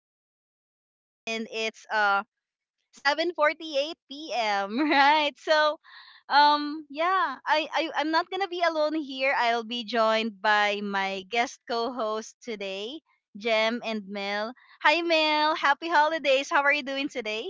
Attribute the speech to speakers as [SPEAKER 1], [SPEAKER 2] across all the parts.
[SPEAKER 1] of December, and it's 7:48 p.m. Right. So, yeah, I'm not gonna be alone here. I'll be joined by my guest co-host today, Jem and Mel. Hi, Mel. Happy holidays. How are you doing today?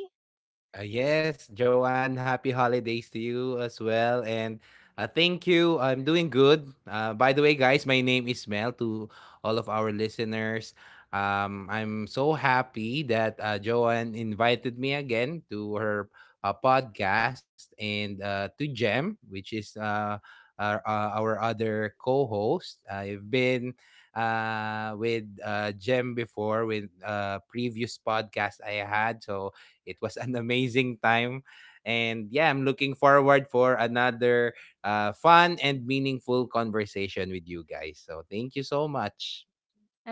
[SPEAKER 2] Yes, Joanne, happy holidays to you as well. And thank you. I'm doing good. By the way, guys, my name is Mel to all of our listeners. I'm so happy that Joanne invited me again to her podcast and to Jem, which is our other co host. I've been with Jem before with previous podcast I had. So it was an amazing time. And yeah, I'm looking forward for another fun and meaningful conversation with you guys. So thank you so much.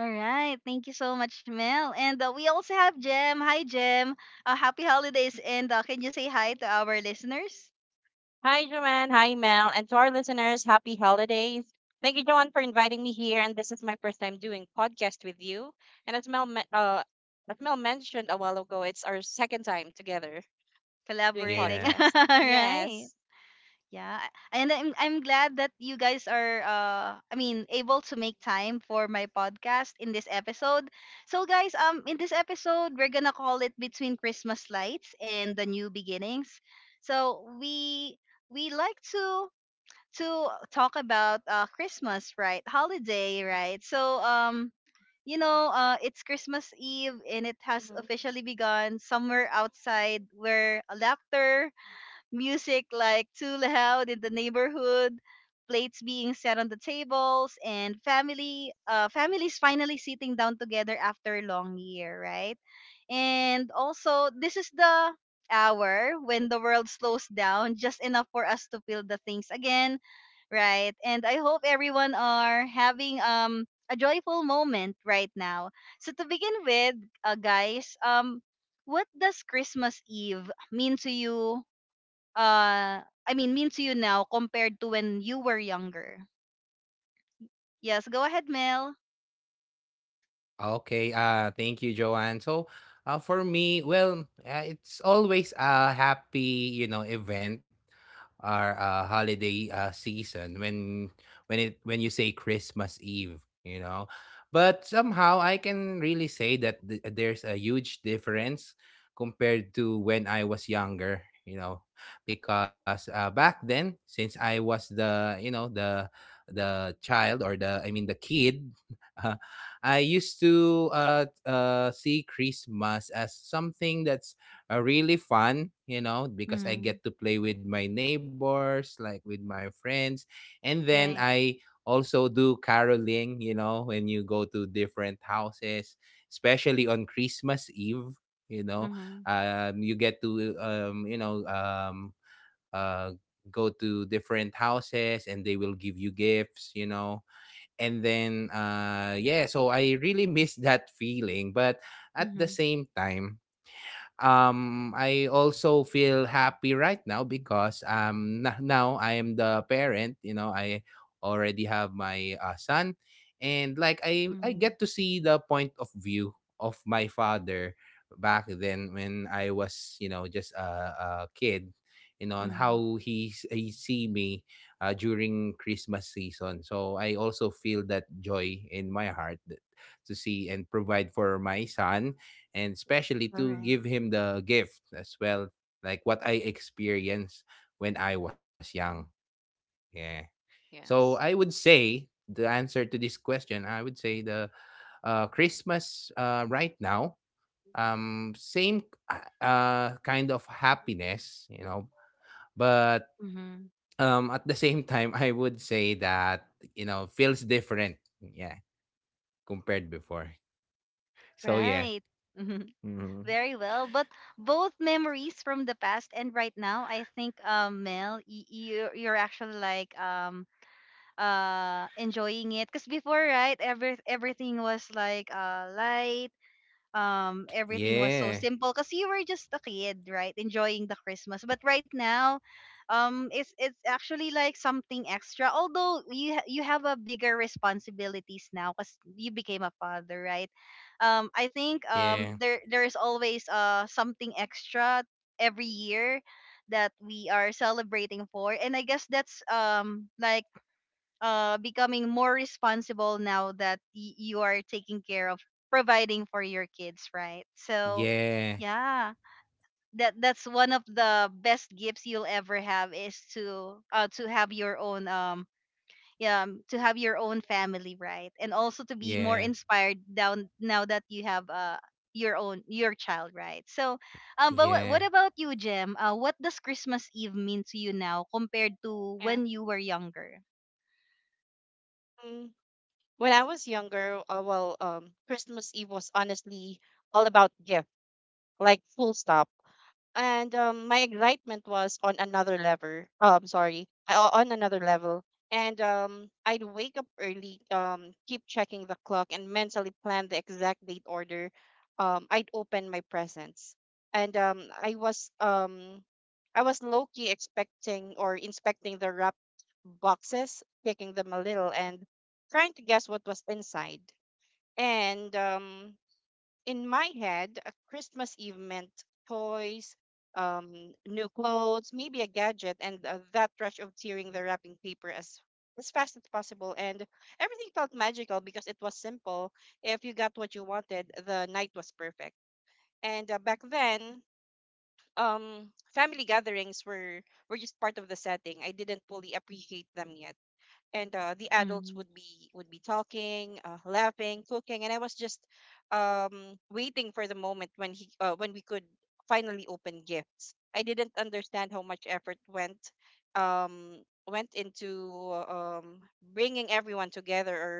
[SPEAKER 1] All right. Thank you so much, Mel. And we also have Jem. Hi, Jem. Happy holidays. And can you say hi to our listeners?
[SPEAKER 3] Hi, Joanne. Hi, Mel. And to our listeners, happy holidays. Thank you, Joanne, for inviting me here. And this is my first time doing podcast with you. And as Mel mentioned a while ago, it's our second time together doing
[SPEAKER 1] Collaborating.
[SPEAKER 2] Yeah.
[SPEAKER 3] podcast.
[SPEAKER 1] All right.
[SPEAKER 3] Yes.
[SPEAKER 1] Yeah, and I'm glad that you guys are I mean able to make time for my podcast in this episode. So guys, in this episode we're gonna call it Between Christmas Lights and the New Beginnings. So we like to talk about Christmas, right? Holiday, right? So it's Christmas Eve, and it has
[SPEAKER 3] Hmm.
[SPEAKER 1] officially begun somewhere outside, where laughter, music, like, too loud in the neighborhood, plates being set on the tables, and family families finally sitting down together after a long year, right? And also, this is the hour when the world slows down just enough for us to feel the things again, right? And I hope everyone are having a joyful moment right now. So to begin with, guys, what does Christmas Eve mean to you, uh mean to you now compared to when you were younger? Yes, go ahead, Mel.
[SPEAKER 2] Okay, thank you, Joanne. So, for me, well, it's always a happy, you know, event or holiday season when it when you say Christmas Eve, you know. But somehow I can really say that there's a huge difference compared to when I was younger, you know, because back then, since I was the child, or the I mean the kid, I used to see Christmas as something that's really fun, you know, because I
[SPEAKER 1] Mhm.
[SPEAKER 2] get to play with my neighbors, like with my friends. And then
[SPEAKER 1] Right.
[SPEAKER 2] I also do caroling, you know, when you go to different houses, especially on Christmas Eve, you know,
[SPEAKER 1] Mhm.
[SPEAKER 2] you get to, uh, go to different houses and they will give you gifts, you know. And then, yeah, so I really miss that feeling. But at the
[SPEAKER 1] Mhm.
[SPEAKER 2] same time, I also feel happy right now because now I am the parent, you know. I already have my son, and like I
[SPEAKER 1] Mhm.
[SPEAKER 2] get to see the point of view of my father back then, when I was, you know, just a kid, you know, and
[SPEAKER 1] Mhm.
[SPEAKER 2] how he see me during Christmas season. So I also feel that joy in my heart, that to see and provide for my son and especially
[SPEAKER 1] All
[SPEAKER 2] to
[SPEAKER 1] right.
[SPEAKER 2] give him the gift as well, like what I experienced when I was young. Yeah. So I would
[SPEAKER 3] Yes.
[SPEAKER 2] say the answer to this question, I would say the Christmas right now, same kind of happiness, you know, but
[SPEAKER 1] Mhm.
[SPEAKER 2] at the same time, I would say that you know feels different. Yeah, compared before. So
[SPEAKER 1] Right.
[SPEAKER 2] yeah,
[SPEAKER 1] Mhm. Very well. But both memories from the past and right now, I think, Mel, you're actually like, enjoying it, because before, right, everything was like, light, everything was so
[SPEAKER 2] yeah,
[SPEAKER 1] simple because you were just a kid, right, enjoying the Christmas. But right now, it's actually like something extra. Although you have a bigger responsibilities now because you became a father, right? I think,
[SPEAKER 2] yeah,
[SPEAKER 1] there is always something extra every year that we are celebrating for. And I guess that's, like, becoming more responsible now that you are taking care of, providing for your kids, right? So,
[SPEAKER 2] yeah,
[SPEAKER 1] yeah, that's one of the best gifts you'll ever have, is to have your own, yeah to have your own family, right? And also to be more
[SPEAKER 2] yeah.
[SPEAKER 1] inspired down now that you have your child, right? So, but what
[SPEAKER 2] Yeah,
[SPEAKER 1] about you, Jem? What does Christmas Eve mean to you now compared to
[SPEAKER 3] Yeah.
[SPEAKER 1] when you were younger?
[SPEAKER 3] Mm. When I was younger, well, Christmas Eve was honestly all about gift, like full stop. And my excitement was on another level. Sorry, on another level. And I'd wake up early, keep checking the clock, and mentally plan the exact date order. I'd open my presents, and I was low key expecting or inspecting the wrapped boxes, kicking them a little, and trying to guess what was inside. And in my head, a Christmas Eve meant toys, new clothes, maybe a gadget, and that rush of tearing the wrapping paper as fast as possible. And everything felt magical because it was simple. If you got what you wanted, the night was perfect. And back then, um, family gatherings were just part of the setting. I didn't fully appreciate them yet, and the adults
[SPEAKER 1] Mm-hmm.
[SPEAKER 3] would be talking, laughing, cooking, and I was just, waiting for the moment when we could finally open gifts. I didn't understand how much effort went into, bringing everyone together,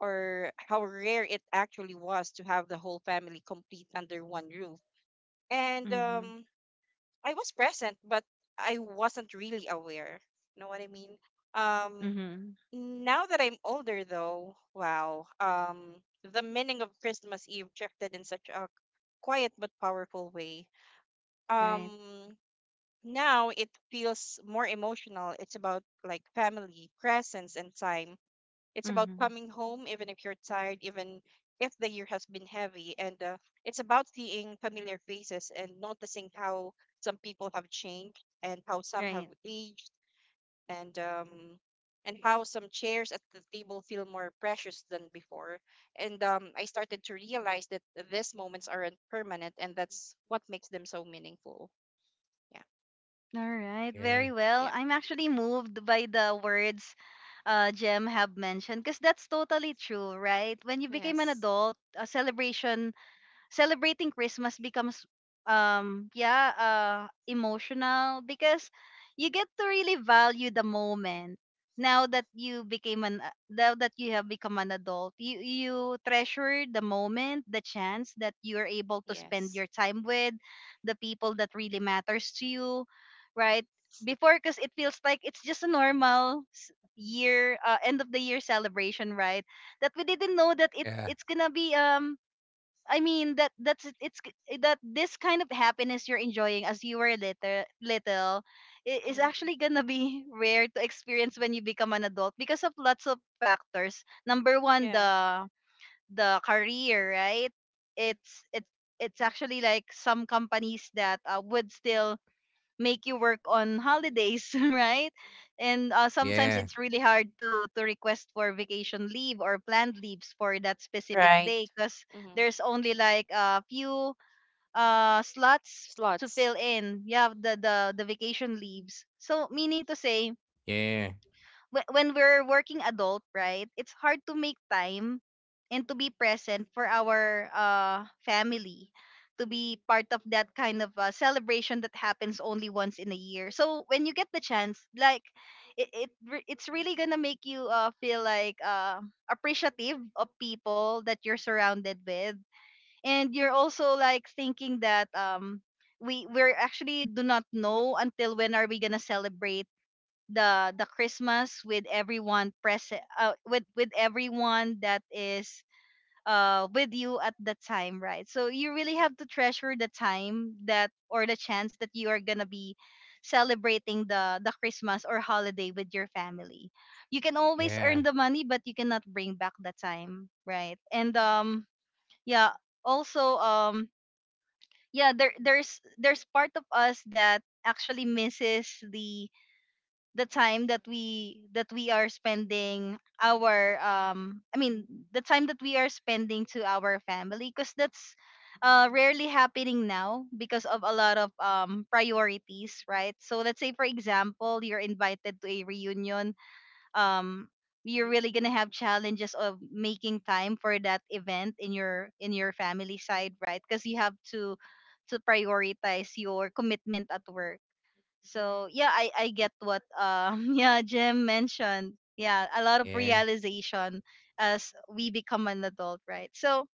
[SPEAKER 3] or how rare it actually was to have the whole family complete under one roof. And I was present, but I wasn't really aware, you know what I mean. um
[SPEAKER 1] Mm-hmm.
[SPEAKER 3] Now that I'm older though, wow, the meaning of Christmas Eve shifted in such a quiet but powerful way.
[SPEAKER 1] Right.
[SPEAKER 3] Um, Now it feels more emotional. It's about like family, presence, and time. It's about
[SPEAKER 1] Mm-hmm.
[SPEAKER 3] coming home even if you're tired, even if the year has been heavy. And it's about seeing familiar faces and noticing how some people have changed and how some have
[SPEAKER 1] Right.
[SPEAKER 3] aged, and and how some chairs at the table feel more precious than before. And I started to realize that these moments aren't permanent, and that's what makes them so meaningful. Yeah.
[SPEAKER 1] All right. Very
[SPEAKER 2] yeah,
[SPEAKER 1] well.
[SPEAKER 3] Yep.
[SPEAKER 1] I'm actually moved by the words Jem have mentioned, because that's totally true, right? When you became an
[SPEAKER 3] Yes.
[SPEAKER 1] adult, a celebration, celebrating Christmas becomes, yeah, emotional, because you get to really value the moment now that you became an now that you have become an adult. You treasure the moment, the chance that you are able to spend
[SPEAKER 3] Yes.
[SPEAKER 1] your time with the people that really matters to you, right? Before, because it feels like it's just a normal year, end of the year celebration, right, that we didn't know that it's
[SPEAKER 2] yeah,
[SPEAKER 1] gonna be, I mean, that that's it's k- eh, that this kind of happiness you're enjoying as you were little is
[SPEAKER 3] Mm-hmm.
[SPEAKER 1] actually gonna be rare to experience when you become an adult, because of lots of factors. Number one,
[SPEAKER 3] Yeah.
[SPEAKER 1] the career, right? It's it's it's actually like some companies that would still make you work on holidays, right? And sometimes it's
[SPEAKER 2] yeah,
[SPEAKER 1] really hard to request for vacation leave or planned leaves for that specific
[SPEAKER 3] Right.
[SPEAKER 1] day, because
[SPEAKER 3] Mm-hmm.
[SPEAKER 1] there's only like a few slots to fill
[SPEAKER 3] Slots.
[SPEAKER 1] in. Yeah, the vacation leaves. So meaning to say,
[SPEAKER 2] yeah,
[SPEAKER 1] when we're working adult, right? It's hard to make time and to be present for our family, to be part of that kind of celebration that happens only once in a year. So when you get the chance, like, it's really gonna make you feel like appreciative of people that you're surrounded with. And you're also like thinking that, we're actually do not know until when are we gonna celebrate the Christmas with everyone present, with everyone that is with you at the time, right? So you really have to treasure the time that, or the chance that you are going to be celebrating the Christmas or holiday with your family. You can always earn
[SPEAKER 2] yeah,
[SPEAKER 1] the money, but you cannot bring back the time, right? And yeah. Also, yeah, there's part of us that actually misses the time that we are spending our, the time that we are spending to our family, because that's rarely happening now because of a lot of priorities, right? So let's say, for example, you're invited to a reunion, um you're really gonna have challenges of making time for that event in your family side, right, because you have to prioritize your commitment at work. So yeah, I
[SPEAKER 3] Right.
[SPEAKER 1] get what, yeah, Jim mentioned. Yeah, a lot of
[SPEAKER 2] yeah,
[SPEAKER 1] realization as we become an adult, right? So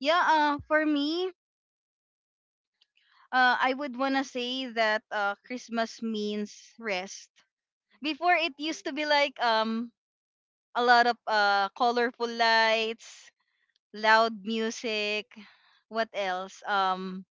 [SPEAKER 1] yeah, for me, I would wanna say that Christmas means rest. Before, it used to be like, a lot of colorful lights, loud music, what else? Um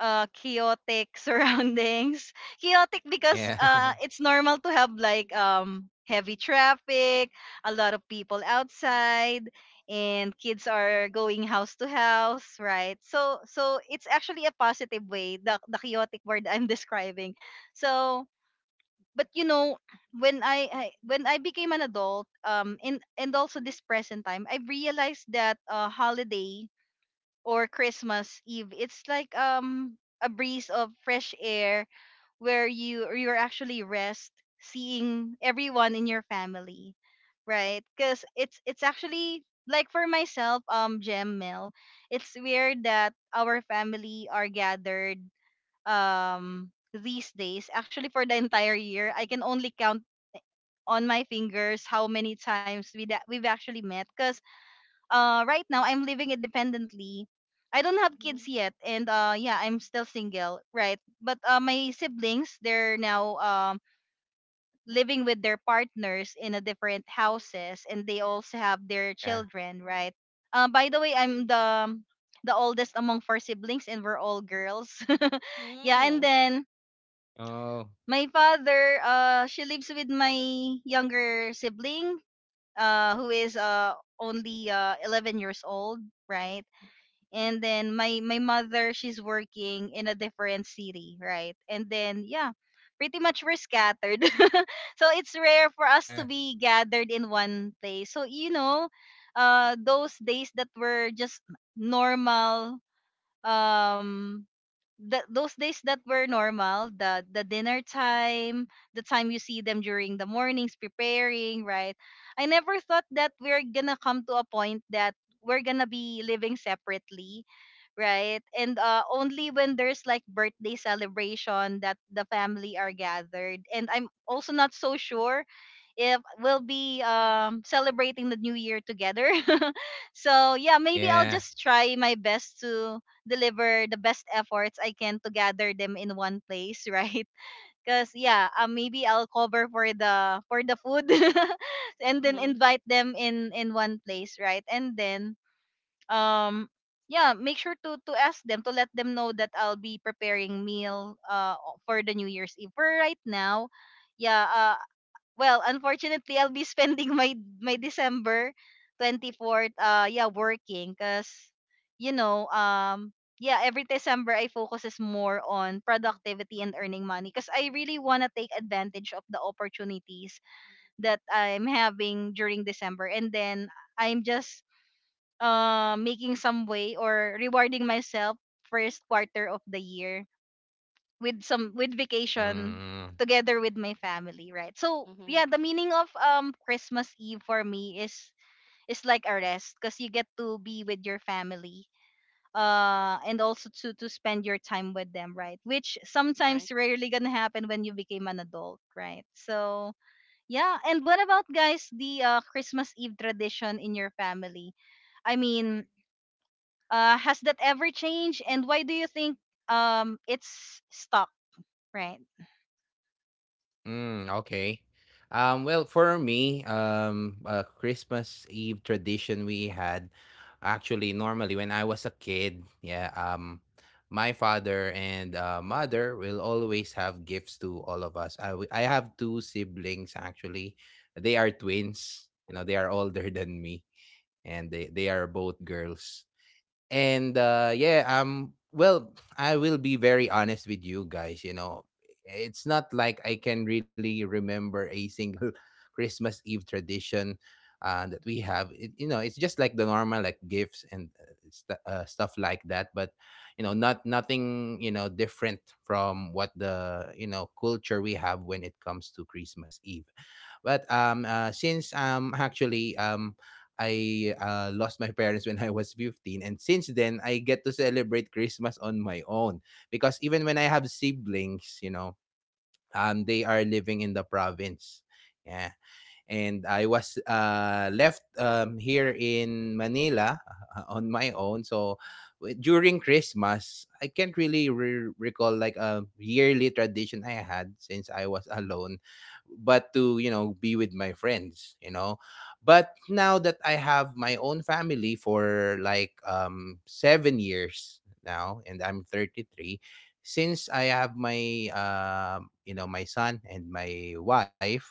[SPEAKER 1] uh Chaotic surroundings. Chaotic because,
[SPEAKER 2] yeah,
[SPEAKER 1] it's normal to have, like, heavy traffic, a lot of people outside, and kids are going house to house, right? So it's actually a positive way, the chaotic word, I'm describing. So, but you know, when I became an adult, and also this present time, I've realized that holiday or Christmas Eve, it's like, a breeze of fresh air, where you're actually rest, seeing everyone in your family, right? Because it's actually, like, for myself, Gem Mel, it's weird that our family are gathered, these days. Actually, for the entire year, I can only count on my fingers how many times we've actually met. 'Cause right now I'm living independently. I don't have
[SPEAKER 3] Mm-hmm.
[SPEAKER 1] kids yet, and yeah, I'm still single, right? But my siblings, they're now, living with their partners in a different houses, and they also have their
[SPEAKER 2] yeah.
[SPEAKER 1] children, right? By the way, I'm the oldest among four siblings, and we're all girls. Yeah,
[SPEAKER 3] Mm-hmm.
[SPEAKER 1] and then
[SPEAKER 2] Oh,
[SPEAKER 1] my father, uh, she lives with my younger sibling, who is only 11 years old, right? And then my mother, she's working in a different city, right? And then yeah, pretty much we're scattered. So it's rare for us to
[SPEAKER 2] yeah,
[SPEAKER 1] be gathered in one place. So you know, those days that were just normal, um those days that were normal, the dinner time, the time you see them during the mornings preparing, right? I never thought that we're gonna come to a point that we're gonna be living separately, right? And only when there's like birthday celebration that the family are gathered. And I'm also not so sure if we'll be celebrating the new year together. So yeah, maybe I'll
[SPEAKER 2] yeah.
[SPEAKER 1] just try my best to deliver the best efforts I can to gather them in one place, right? Because yeah, maybe I'll cover for the food, and then
[SPEAKER 3] Mm-hmm.
[SPEAKER 1] invite them in one place, right? And then um yeah, make sure to ask them, to let them know that I'll be preparing meal for the new year's eve. For right now, yeah, well, unfortunately, I'll be spending my December 24th, yeah, working 'cuz you know, yeah, every December I focus is more on productivity and earning money 'cuz I really want to take advantage of the opportunities that I'm having during December. And then I'm just making some way or rewarding myself first quarter of the year with some with vacation
[SPEAKER 2] Mm,
[SPEAKER 1] together with my family, right? So
[SPEAKER 3] Mm-hmm.
[SPEAKER 1] yeah, the meaning of Christmas Eve for me is like a rest because you get to be with your family and also to spend your time with them, right? Which
[SPEAKER 3] Right.
[SPEAKER 1] sometimes rarely gonna happen when you became an adult, right? So yeah. And what about guys, the christmas eve tradition in your family? I mean, has that ever changed and why do you think it's stuck, right?
[SPEAKER 2] mm, okay. Well, for me, a Christmas Eve tradition we had actually normally when I was a kid, yeah, my father and mother will always have gifts to all of us. I have two siblings actually. They are twins. You know, they are older than me and they are both girls. And yeah, well, I will be very honest with you guys, you know. It's not like I can really remember a single Christmas Eve tradition that we have. It's just like the normal, like gifts and stuff like that, but you know, not nothing, you know, different from what the culture we have when it comes to Christmas Eve, but since am actually I lost my parents when I was 15. And since then, I get to celebrate Christmas on my own. Because even when I have siblings, you know, they are living in the province. Yeah. And I was left here in Manila on my own. So during Christmas, I can't really recall like a yearly tradition I had since I was alone, but to you know be with my friends, you know. But now that I have my own family for like 7 years now, and I'm 33, since I have my you know my son and my wife,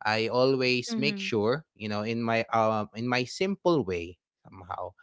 [SPEAKER 2] I always make sure, you know, in my simple way, somehow,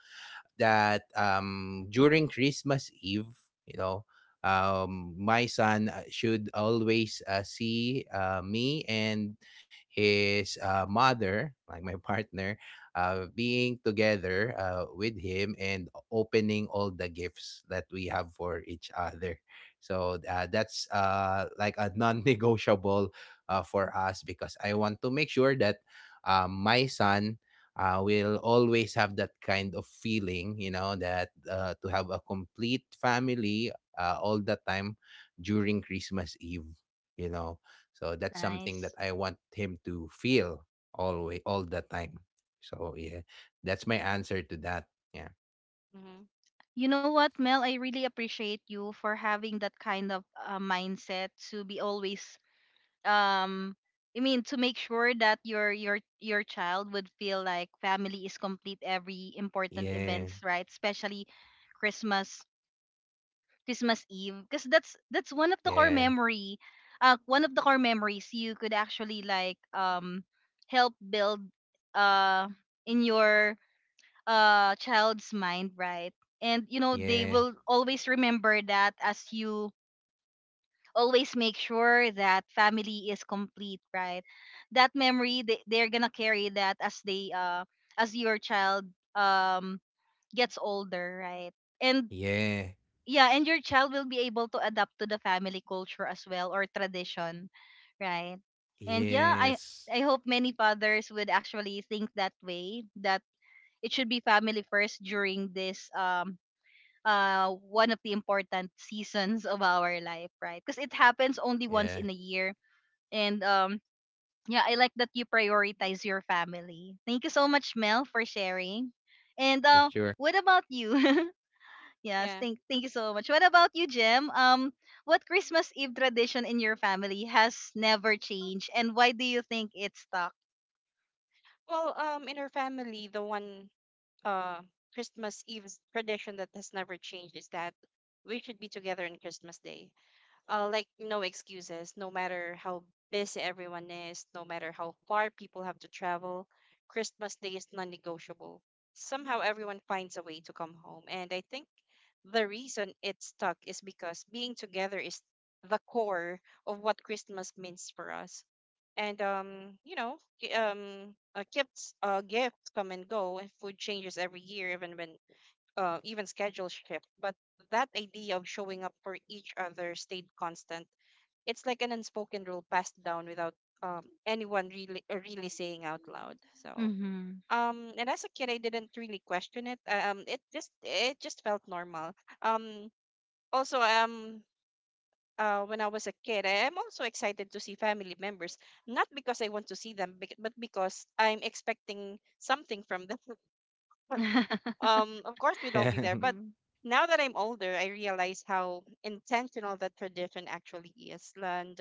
[SPEAKER 2] that during Christmas Eve, you know, my son should always see me and his mother, like my partner, being together with him and opening all the gifts that we have for each other. So that's like a non negotiable for us, because I want to make sure that my son I will always have that kind of feeling, you know, that to have a complete family all the time during Christmas Eve, you know. So that's something that
[SPEAKER 1] Nice.
[SPEAKER 2] I want him to feel always, all the time. So yeah, that's my answer to that. Yeah,
[SPEAKER 3] Mm-hmm.
[SPEAKER 1] You know what, Mel? I really appreciate you for having that kind of mindset to be always, um I mean, to make sure that your child would feel like family is complete every important
[SPEAKER 2] yeah,
[SPEAKER 1] events, right? Especially Christmas, Christmas Eve, because that's one of the core
[SPEAKER 2] yeah,
[SPEAKER 1] memory, one of the core memories you could actually like help build uh in your child's mind, right? And you know they
[SPEAKER 2] yeah,
[SPEAKER 1] will always remember that as you always make sure that family is complete, right? That memory they're gonna carry that as they as your child um gets older, right? And
[SPEAKER 2] yeah,
[SPEAKER 1] yeah, and your child will be able to adapt to the family culture as well or tradition, right? and yeah i
[SPEAKER 2] yes,
[SPEAKER 1] i hope many fathers would actually think that way, that it should be family first during this one of the important seasons of our life, right? Because it happens only once
[SPEAKER 2] yeah,
[SPEAKER 1] in a year. And yeah, I like that you prioritize your family. Thank you so much, Mel, for sharing. And
[SPEAKER 2] you
[SPEAKER 1] uh
[SPEAKER 2] sure?
[SPEAKER 1] what about you? yes,
[SPEAKER 3] Yeah.
[SPEAKER 1] thank you so much. What about you, Jem? What Christmas Eve tradition in your family has never changed and why do you think it's stuck?
[SPEAKER 3] Well, in our family, the one, uh Christmas Eve's tradition that has never changed is that we should be together on Christmas Day. Like no excuses, no matter how busy everyone is, no matter how far people have to travel, Christmas Day is non negotiable. Somehow everyone finds a way to come home. And I think the reason it's stuck is because being together is the core of what Christmas means for us. And you know, gifts come and go, and food changes every year, even when, even schedule shift, but that idea of showing up for each other stayed constant. It's like an unspoken rule passed down without, anyone really saying out loud. So,
[SPEAKER 1] Mhm.
[SPEAKER 3] and as a kid, I didn't really question it. It just felt normal. Um, Also, when I was a kid, I am also excited to see family members, not because I want to see them, but because I'm expecting something from them. Of course we'd all be
[SPEAKER 2] Yeah.
[SPEAKER 3] there, but now that I'm older, I realize how intentional that tradition actually is. and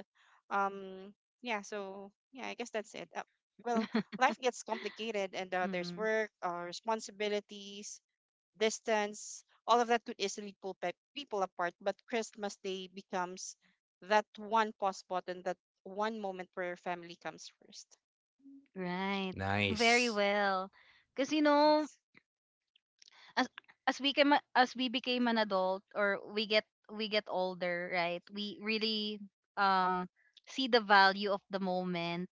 [SPEAKER 3] um yeah. So yeah, I guess that's it, well,
[SPEAKER 1] Mhm.
[SPEAKER 3] life gets complicated, and there's work, responsibilities, distance, all of that could easily pull people apart. But Christmas Day becomes that one pause button, that one moment where your family comes first.
[SPEAKER 1] Right. Very
[SPEAKER 2] Nice.
[SPEAKER 1] well. Because you know,
[SPEAKER 3] Yes.
[SPEAKER 1] as as we became an adult, or we get, we get older, right? We really um see the value of the moment,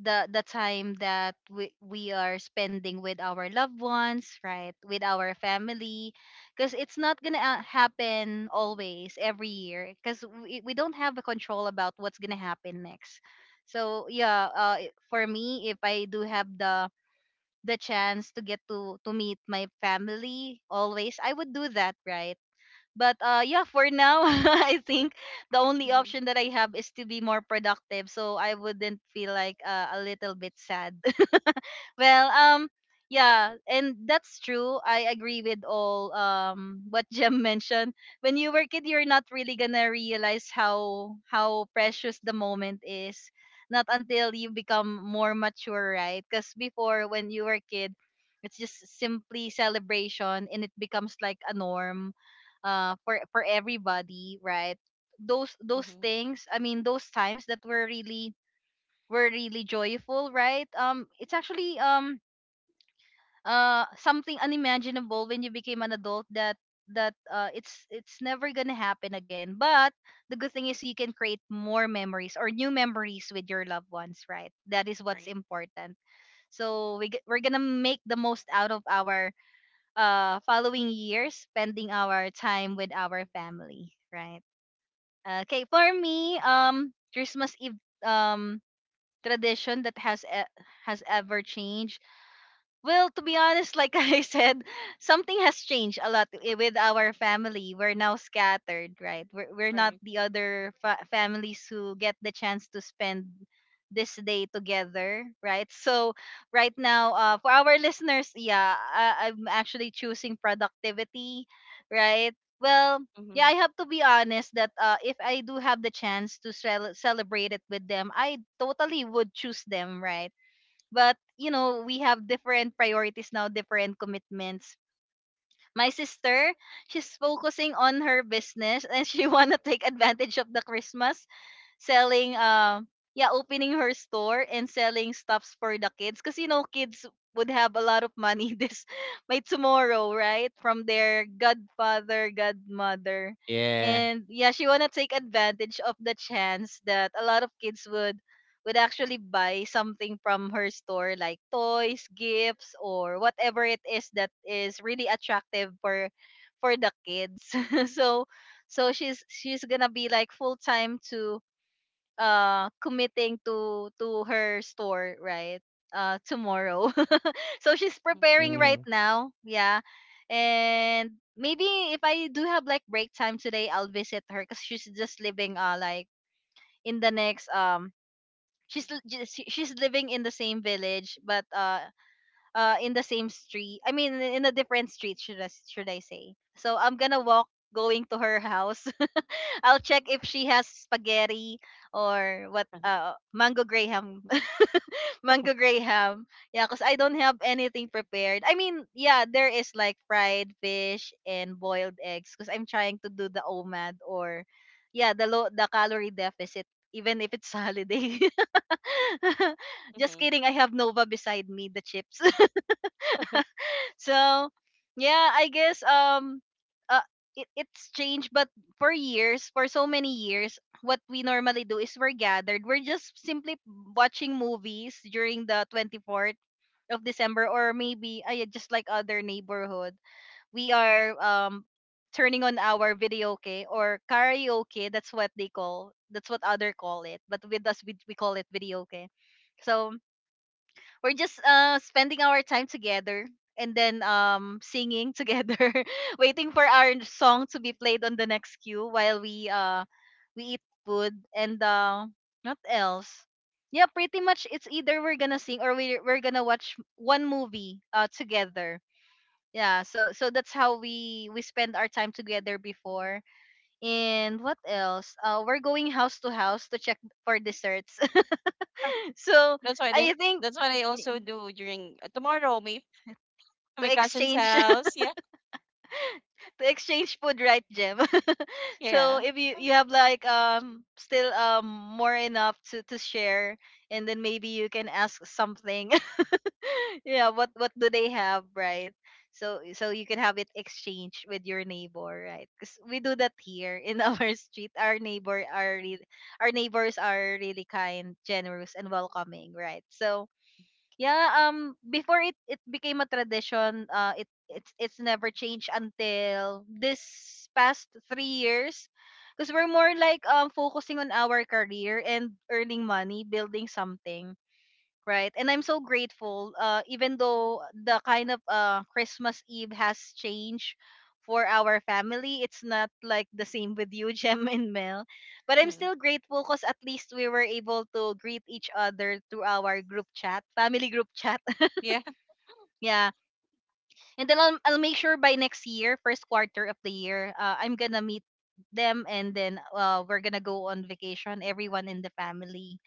[SPEAKER 1] the time that we are spending with our loved ones, right? With our family, because it's not gonna happen always every year, because we don't have a control about what's gonna happen next. So yeah, for me, if I do have the chance to get to meet my family always, I would do that, right? But yeah, for now I think the only
[SPEAKER 3] Mm-hmm.
[SPEAKER 1] option that I have is to be more productive so I wouldn't feel like, a little bit sad. Well, yeah, and that's true. I agree with all what Jem mentioned. When you were kid, you're not really gonna realize how precious the moment is. Not until you become more mature, right? Because before, when you were kid, it's just simply celebration, and it becomes like a norm, for everybody, right? Those
[SPEAKER 3] Mm-hmm.
[SPEAKER 1] things. I mean, those times that were really joyful, right? It's actually something unimaginable when you became an adult, that it's never gonna happen again. But the good thing is you can create more memories or new memories with your loved ones, right? That is what's
[SPEAKER 3] Right.
[SPEAKER 1] important. So we're gonna make the most out of our following years, spending our time with our family, right? Okay, for me, christmas eve, um tradition that has ever changed. Well, to be honest, like I said, something has changed a lot with our family. We're now scattered, right? We're, not
[SPEAKER 3] Right.
[SPEAKER 1] the other families who get the chance to spend this day together, right? So right now, for our listeners, yeah, I'm actually choosing productivity, right? Well, yeah,
[SPEAKER 3] Mm-hmm.
[SPEAKER 1] I have to be honest that if I do have the chance to celebrate it with them, I totally would choose them, right? But you know, we have different priorities now, different commitments. My sister, she's focusing on her business and she want to take advantage of the christmas selling, yeah, opening her store and selling stuffs for the kids, because you know, kids would have a lot of money this by tomorrow, right? From their godfather, godmother.
[SPEAKER 2] Yeah.
[SPEAKER 1] And yeah, she want to take advantage of the chance that a lot of kids would actually buy something from her store, like toys, gifts, or whatever it is that is really attractive for the kids. so so she's gonna be like full time to committing to her store, right? Tomorrow. so she's
[SPEAKER 3] Mm-hmm.
[SPEAKER 1] preparing
[SPEAKER 2] Hmm.
[SPEAKER 1] right now. Yeah. And maybe if I do have like break time today, I'll visit her because she's just living like in the next she's she's living in the same village, but in the same street, I mean in a different street, should I, should I say? So I'm gonna walk going to her house. I'll check if she has spaghetti, or what, mango graham. mango graham. Yeah, because I don't have anything prepared. I mean, yeah, there is like fried fish and boiled eggs because I'm trying to do the omad or yeah, the calorie deficit, even if it's holiday. Just
[SPEAKER 3] Uh-huh.
[SPEAKER 1] kidding, I have Nova beside me, the chips.
[SPEAKER 3] Mm-hmm.
[SPEAKER 1] so, yeah, I guess uh it, it's changed. But for years, for so many years, what we normally do is we're gathered. We're just simply watching movies during the 24th of December, or maybe ay, just like other neighborhood. We are turning on our video okay or karaoke, that's what they call, that's what other call it, but with us, we call it video okay. So we're just spending our time together and then singing together, waiting for our song to be played on the next queue while we eat food and not else. Yeah, pretty much it's either we're gonna sing or we're gonna watch one movie together. Yeah, so so that's how we spend our time together before. And what else, we're going house to house to check for desserts.
[SPEAKER 3] Ah.
[SPEAKER 1] so
[SPEAKER 3] That's what I
[SPEAKER 1] I think
[SPEAKER 3] that's what I
[SPEAKER 1] y-
[SPEAKER 3] also do during, tomorrow, maybe, to
[SPEAKER 1] to
[SPEAKER 3] my cousin's
[SPEAKER 1] exchange,
[SPEAKER 3] house. Yeah.
[SPEAKER 1] to exchange food, right, Jim? so
[SPEAKER 3] Yeah.
[SPEAKER 1] if you, you have like still more enough to share, and then maybe you can ask something. yeah, what do they have, right? So so you can have it exchange with your neighbor, right? Because we do that here in our street. Our neighbor are really, our neighbors are really kind, generous, and welcoming, right? So yeah, before, it became a tradition, it it's never changed until this past 3 years because we're more like focusing on our career and earning money, building something. Right. And I'm so grateful. Even though the kind of Christmas Eve has changed for our family, it's not like the same with you, Jem and Mel. But I'm
[SPEAKER 3] Mhm.
[SPEAKER 1] still grateful because at least we were able to greet each other through our group chat, family group chat.
[SPEAKER 3] Yeah.
[SPEAKER 1] yeah. And then I'll make sure by next year, first quarter of the year, I'm going to meet them and then we're going to go on vacation, everyone in the family,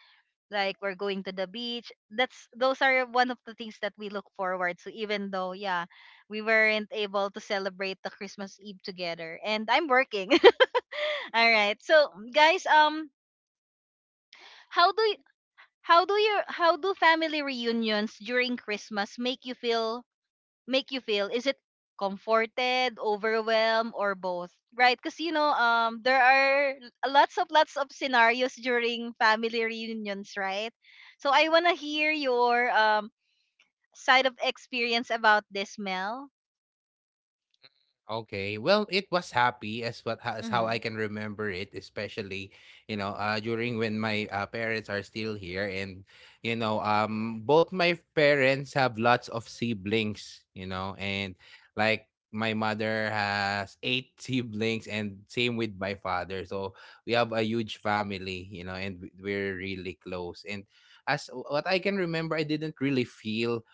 [SPEAKER 1] like we're going to the beach. That's, those are one of the things that we look forward to, even though yeah, we weren't able to celebrate the christmas eve together and I'm working. all right, so guys, how do you, how do family reunions during christmas make you feel, make you feel? Is it comforted, overwhelmed, or both? Right? Because you know, there are lots of, lots of scenarios during family reunions, right? So I wanna hear your side of experience about this, Mel.
[SPEAKER 2] Okay. Well, it was happy as what as how I
[SPEAKER 1] Mm-hmm.
[SPEAKER 2] can remember it, especially, you know, during when my parents are still here. And, you know, both my parents have lots of siblings, you know, and like my mother has eight siblings, and same with my father. So we have a huge family, you know, and we're really close. And as what I can remember, I didn't really feel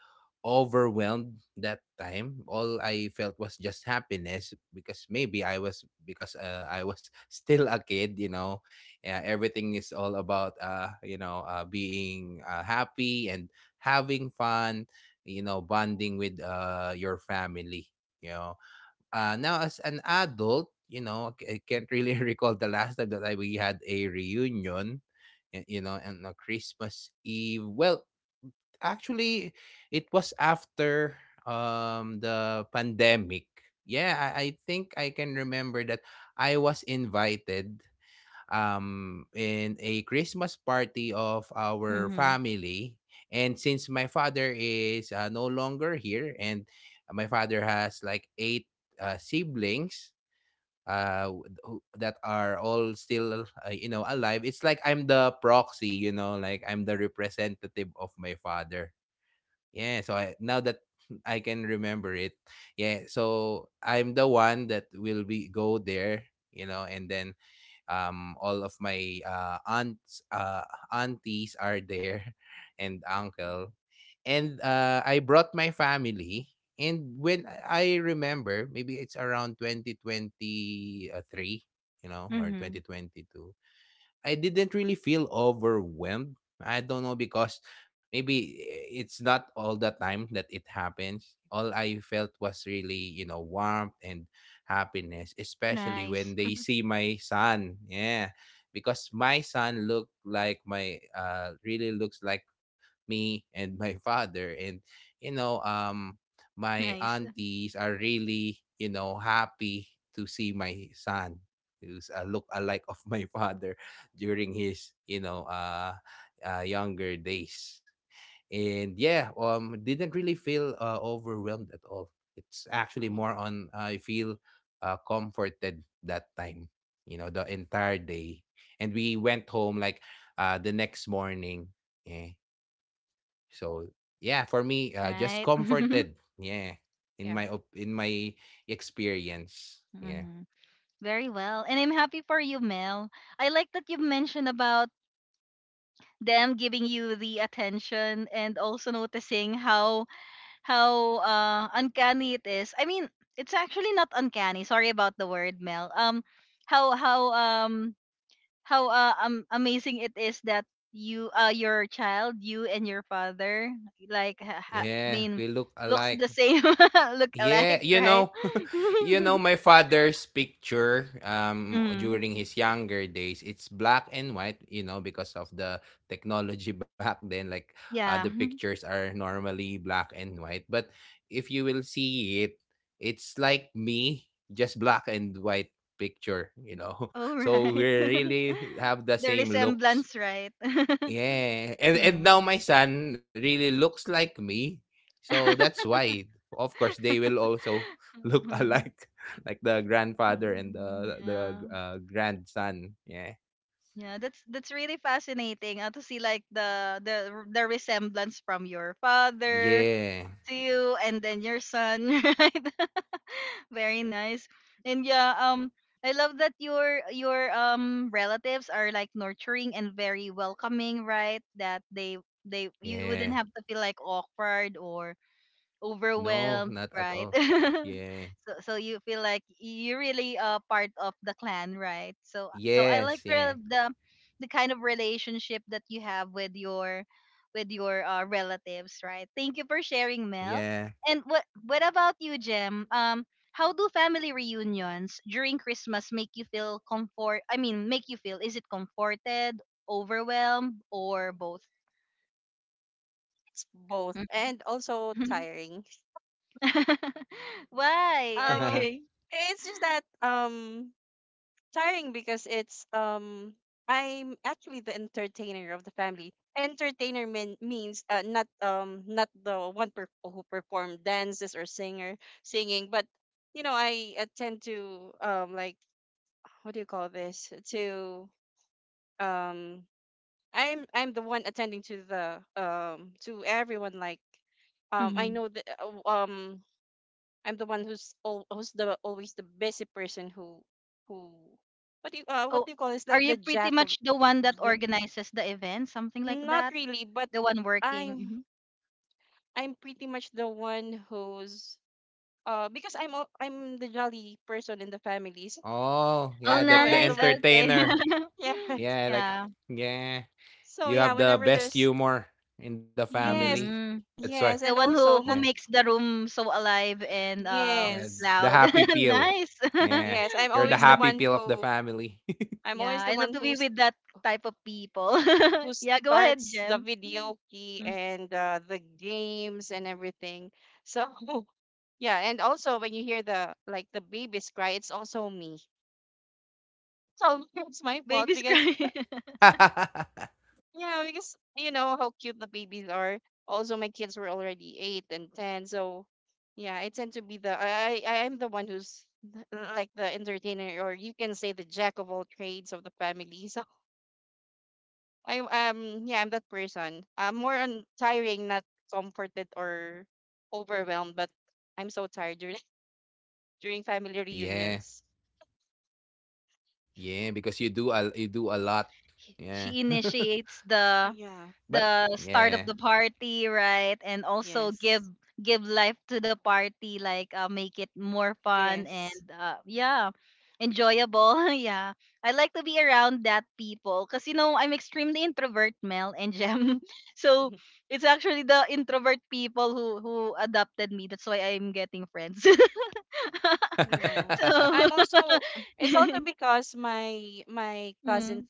[SPEAKER 2] overwhelmed that time. All I felt was just happiness, because I was still a kid, you know. Everything is all about being happy and having fun, you know, bonding with your family, you know. Now as an adult, you know, I can't really recall the last time that we had a reunion, you know, and a Christmas Eve. Well, actually it was after the pandemic. Yeah, I think I can remember that I was invited in a Christmas party of our
[SPEAKER 1] Mm-hmm.
[SPEAKER 2] family. And since my father is no longer here, and my father has like eight siblings that are all still you know alive, it's like I'm the proxy, you know, like I'm the representative of my father. Yeah, so I now that I can remember it. Yeah, so I'm the one that will be go there, you know, and then all of my aunts aunties are there and uncle. And I brought my family, and when I remember, maybe it's around 2023, you know, or
[SPEAKER 1] Mm-hmm.
[SPEAKER 2] 2022. I didn't really feel overwhelmed. I don't know, because maybe it's not all the time that it happens. All I felt was really, you know, warmth and happiness, especially when
[SPEAKER 1] Nice.
[SPEAKER 2] they see my son. Yeah. Because my son looked like my really looks like me and my father. And, you know, my
[SPEAKER 1] nice,
[SPEAKER 2] aunties are really, you know, happy to see my son, who's a look alike of my father during his, you know, younger days. And yeah, didn't really feel overwhelmed at all. It's actually
[SPEAKER 3] Mhm.
[SPEAKER 2] more on I feel comforted that time, you know, the entire day, and we went home like the next morning. Yeah. So yeah, for me, just
[SPEAKER 1] right?
[SPEAKER 2] comforted. Yeah, in
[SPEAKER 3] Yeah.
[SPEAKER 2] my experience. Yeah.
[SPEAKER 1] Mm-hmm. Very well. And I'm happy for you, Mel. I like that you mentioned about them giving you the attention and also noticing how uncanny it is. I mean, it's actually not uncanny. Sorry about the word, Mel. How amazing it is that you, your child, you and your father, like ha, ha, I
[SPEAKER 2] Yeah,
[SPEAKER 1] mean,
[SPEAKER 2] we look
[SPEAKER 1] looks
[SPEAKER 2] alike.
[SPEAKER 1] the same, look
[SPEAKER 2] Yeah,
[SPEAKER 1] alike,
[SPEAKER 2] you
[SPEAKER 1] right?
[SPEAKER 2] know, you know my father's picture
[SPEAKER 1] mm,
[SPEAKER 2] during his younger days, it's black and white, you know, because of the technology back then, like the
[SPEAKER 1] yeah.
[SPEAKER 2] pictures are normally black and white, but if you will see it, it's like me, just black and white picture, you know.
[SPEAKER 1] All
[SPEAKER 2] So we
[SPEAKER 1] right.
[SPEAKER 2] really have the
[SPEAKER 1] the
[SPEAKER 2] same looks.
[SPEAKER 1] resemblance, right?
[SPEAKER 2] Yeah, and
[SPEAKER 1] Mhm.
[SPEAKER 2] now my son really looks like me. So that's why, of course, they will also look alike, like the grandfather
[SPEAKER 3] Mhm.
[SPEAKER 2] and the the
[SPEAKER 1] yeah.
[SPEAKER 2] uh, grandson. Yeah.
[SPEAKER 1] Yeah, that's really fascinating. To see like the resemblance from your father
[SPEAKER 2] Yeah.
[SPEAKER 1] to you and then your son, right? Very nice. And yeah, I love that your relatives are like nurturing and very welcoming, right? That they, you
[SPEAKER 2] Yeah.
[SPEAKER 1] wouldn't have to feel like awkward or
[SPEAKER 2] No,
[SPEAKER 1] overwhelmed,
[SPEAKER 2] not at
[SPEAKER 1] right?
[SPEAKER 2] all. Yeah.
[SPEAKER 1] so so you feel like you really are part of the clan, right? So so I like
[SPEAKER 2] Yes,
[SPEAKER 1] the,
[SPEAKER 2] yeah.
[SPEAKER 1] the kind of relationship that you have with your, with your relatives, right? Thank you for sharing, Mel.
[SPEAKER 2] Yeah.
[SPEAKER 1] And what about you, Jem? How do family reunions during Christmas make you feel comfort? I mean, make you feel, is it comforted, overwhelmed, or both?
[SPEAKER 3] It's both and also tiring.
[SPEAKER 1] Why?
[SPEAKER 3] Well,
[SPEAKER 1] Okay.
[SPEAKER 3] it's just that, tiring because, it's I'm actually the entertainer of the family. Entertainer, means, not, not the one, who perform dances, or singer singing, but you know, I, tend to, like, what do you call this, to, um I'm the one attending to the, to everyone, like, I
[SPEAKER 1] Mm-hmm.
[SPEAKER 3] know that, I'm the one who's, who's the always the busy person, who what do you, what
[SPEAKER 1] Oh,
[SPEAKER 3] do you call this,
[SPEAKER 1] are
[SPEAKER 3] like
[SPEAKER 1] you
[SPEAKER 3] the
[SPEAKER 1] pretty
[SPEAKER 3] jack of,
[SPEAKER 1] much the one that
[SPEAKER 3] j-
[SPEAKER 1] organizes the event, something like
[SPEAKER 3] not
[SPEAKER 1] that?
[SPEAKER 3] really, but
[SPEAKER 1] The one working.
[SPEAKER 3] i'm
[SPEAKER 1] Hmm.
[SPEAKER 3] I'm pretty much the one who's, because I'm the jolly person in the family. So
[SPEAKER 2] Oh,
[SPEAKER 1] Oh,
[SPEAKER 2] yeah, like the
[SPEAKER 3] I'm the
[SPEAKER 1] nice.
[SPEAKER 3] one.
[SPEAKER 1] Okay.
[SPEAKER 2] entertainer.
[SPEAKER 3] Yeah.
[SPEAKER 2] Yeah, like,
[SPEAKER 1] Yeah.
[SPEAKER 2] yeah.
[SPEAKER 3] So
[SPEAKER 2] You
[SPEAKER 3] yeah,
[SPEAKER 2] have the
[SPEAKER 3] whenever
[SPEAKER 2] best
[SPEAKER 3] there's.
[SPEAKER 2] humor in the family.
[SPEAKER 3] Yes.
[SPEAKER 2] That's
[SPEAKER 1] Mm-hmm.
[SPEAKER 2] why.
[SPEAKER 3] Yes,
[SPEAKER 1] The
[SPEAKER 3] and
[SPEAKER 1] one
[SPEAKER 2] Yeah.
[SPEAKER 3] also
[SPEAKER 1] who
[SPEAKER 3] not.
[SPEAKER 1] makes the room so alive and
[SPEAKER 2] And the
[SPEAKER 3] Yes.
[SPEAKER 2] happy
[SPEAKER 1] loud.
[SPEAKER 2] peel.
[SPEAKER 1] Nice.
[SPEAKER 2] Yeah.
[SPEAKER 3] Yes,
[SPEAKER 2] You're the happy
[SPEAKER 1] Hmm.
[SPEAKER 2] peel of the family.
[SPEAKER 3] I'm
[SPEAKER 1] Yeah,
[SPEAKER 3] always the
[SPEAKER 1] I love
[SPEAKER 3] one
[SPEAKER 1] to be
[SPEAKER 3] who's
[SPEAKER 1] with that type of people.
[SPEAKER 3] who
[SPEAKER 1] Yeah, go ahead,
[SPEAKER 3] starts the
[SPEAKER 1] Jem.
[SPEAKER 3] video key
[SPEAKER 1] Mm.
[SPEAKER 3] and, the games and everything. So yeah, and also when you hear the like the babies cry, it's also me. So it's my fault
[SPEAKER 1] Baby's
[SPEAKER 3] because.
[SPEAKER 1] crying.
[SPEAKER 3] Yeah, because you know how cute the babies are. Also, my kids were already 8 and 10, so yeah, I tend to be the, I am the one who's, like the entertainer, or you can say the jack of all trades of the family. So I'm that person. I'm more on tiring, not comforted or overwhelmed, but I'm so tired during during family
[SPEAKER 2] Yeah.
[SPEAKER 3] reunions.
[SPEAKER 2] Yeah, because you do a lot. Yeah.
[SPEAKER 1] She initiates the
[SPEAKER 3] Yeah.
[SPEAKER 2] But
[SPEAKER 1] start of
[SPEAKER 2] yeah.
[SPEAKER 1] the party, right? And also give
[SPEAKER 3] Yes.
[SPEAKER 1] life to the party, like make it more fun and
[SPEAKER 3] Yes.
[SPEAKER 1] yeah, enjoyable. Yeah, I like to be around that people because you know I'm extremely introvert, Mel and Jem. So it's actually the introvert people who adopted me. That's why I'm getting friends.
[SPEAKER 3] You know,
[SPEAKER 1] So
[SPEAKER 3] I'm also it's also because my
[SPEAKER 1] Mm.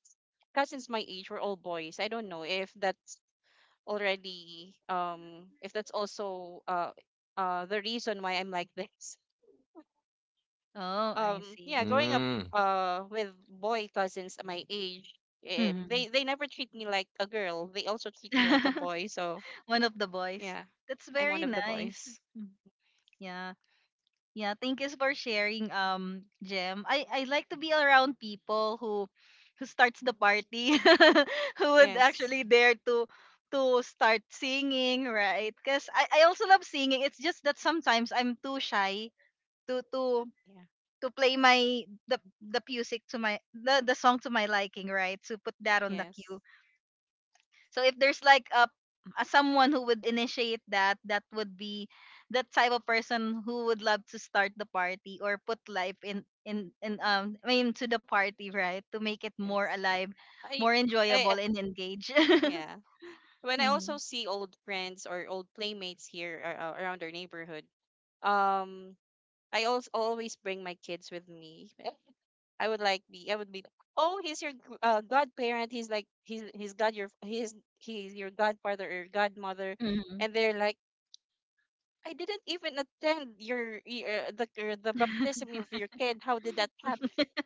[SPEAKER 3] cousins my age were all boys. I don't know if that's already, if that's also, the reason why I'm like this.
[SPEAKER 1] Oh, I see.
[SPEAKER 3] Yeah, growing up,
[SPEAKER 2] Mm.
[SPEAKER 3] with boy cousins my age.
[SPEAKER 1] Mhm.
[SPEAKER 3] They never treat me like a girl, they also treat me like a boy. So
[SPEAKER 1] One of the boys.
[SPEAKER 3] yeah,
[SPEAKER 1] That's
[SPEAKER 3] I'm one
[SPEAKER 1] very
[SPEAKER 3] of the
[SPEAKER 1] nice.
[SPEAKER 3] boys.
[SPEAKER 1] Mm. Yeah. Yeah, thank you for sharing, Jem. I like to be around people who starts the party, who would actually
[SPEAKER 3] Yes.
[SPEAKER 1] dare to start singing, right? Because I also love singing. It's just that sometimes I'm too shy to
[SPEAKER 3] Yeah.
[SPEAKER 1] to play my the music to my the song to my liking, right? To put that on the cue.
[SPEAKER 3] Yes.
[SPEAKER 1] So if there's like a someone who would initiate that, that would be the type of person who would love to start the party or put life in, I mean to the party, right? To make it more
[SPEAKER 3] Yes.
[SPEAKER 1] alive,
[SPEAKER 3] I
[SPEAKER 1] more enjoyable
[SPEAKER 3] I
[SPEAKER 1] and engage.
[SPEAKER 3] yeah, when I
[SPEAKER 1] Hmm.
[SPEAKER 3] also see old friends or old playmates here, around our neighborhood, um, I also always bring my kids with me. I would be, oh, he's your, godparent. He's like, he's your godfather or godmother.
[SPEAKER 1] Hmm.
[SPEAKER 3] And they're like, I didn't even attend your, the baptism of your kid. How did that happen?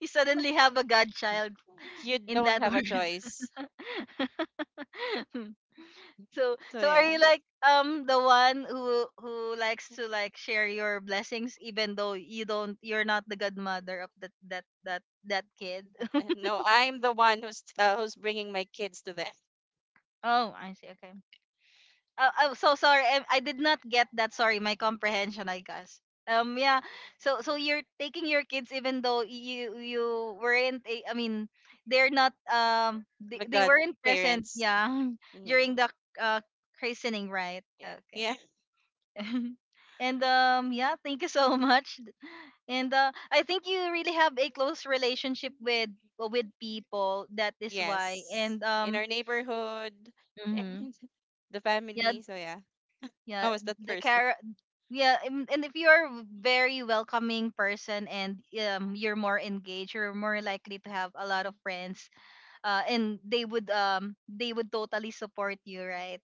[SPEAKER 1] You suddenly have a godchild
[SPEAKER 3] You
[SPEAKER 1] in
[SPEAKER 3] don't
[SPEAKER 1] that
[SPEAKER 3] have a
[SPEAKER 1] verse.
[SPEAKER 3] choice.
[SPEAKER 1] So
[SPEAKER 3] So
[SPEAKER 1] so are
[SPEAKER 3] yeah.
[SPEAKER 1] you like the one who likes to like share your blessings even though you don't you're not the godmother of that kid?
[SPEAKER 3] No, I'm the one who's, who's bringing my kids to them.
[SPEAKER 1] Oh, I see. Okay. Oh, I so sorry. I did not get that. Sorry, my comprehension, I guess. Yeah. So, so you're taking your kids, even though you weren't. I mean, they're not. They,
[SPEAKER 3] The
[SPEAKER 1] they weren't present.
[SPEAKER 3] godparents.
[SPEAKER 1] Yeah,
[SPEAKER 3] Mm-hmm.
[SPEAKER 1] during the uh christening, right?
[SPEAKER 3] Yeah.
[SPEAKER 1] Okay.
[SPEAKER 3] Yeah.
[SPEAKER 1] And yeah, thank you so much, and I think you really have a close relationship with, well, with people. That is why.
[SPEAKER 3] Yes.
[SPEAKER 1] And
[SPEAKER 3] In our neighborhood,
[SPEAKER 1] mhm.
[SPEAKER 3] and the
[SPEAKER 1] Yeah,
[SPEAKER 3] family. So yeah, I
[SPEAKER 1] yeah,
[SPEAKER 3] was that
[SPEAKER 1] the
[SPEAKER 3] person.
[SPEAKER 1] care. Yeah, and if you're a very welcoming person and you're more engaged, you're more likely to have a lot of friends, and they would totally support you, right?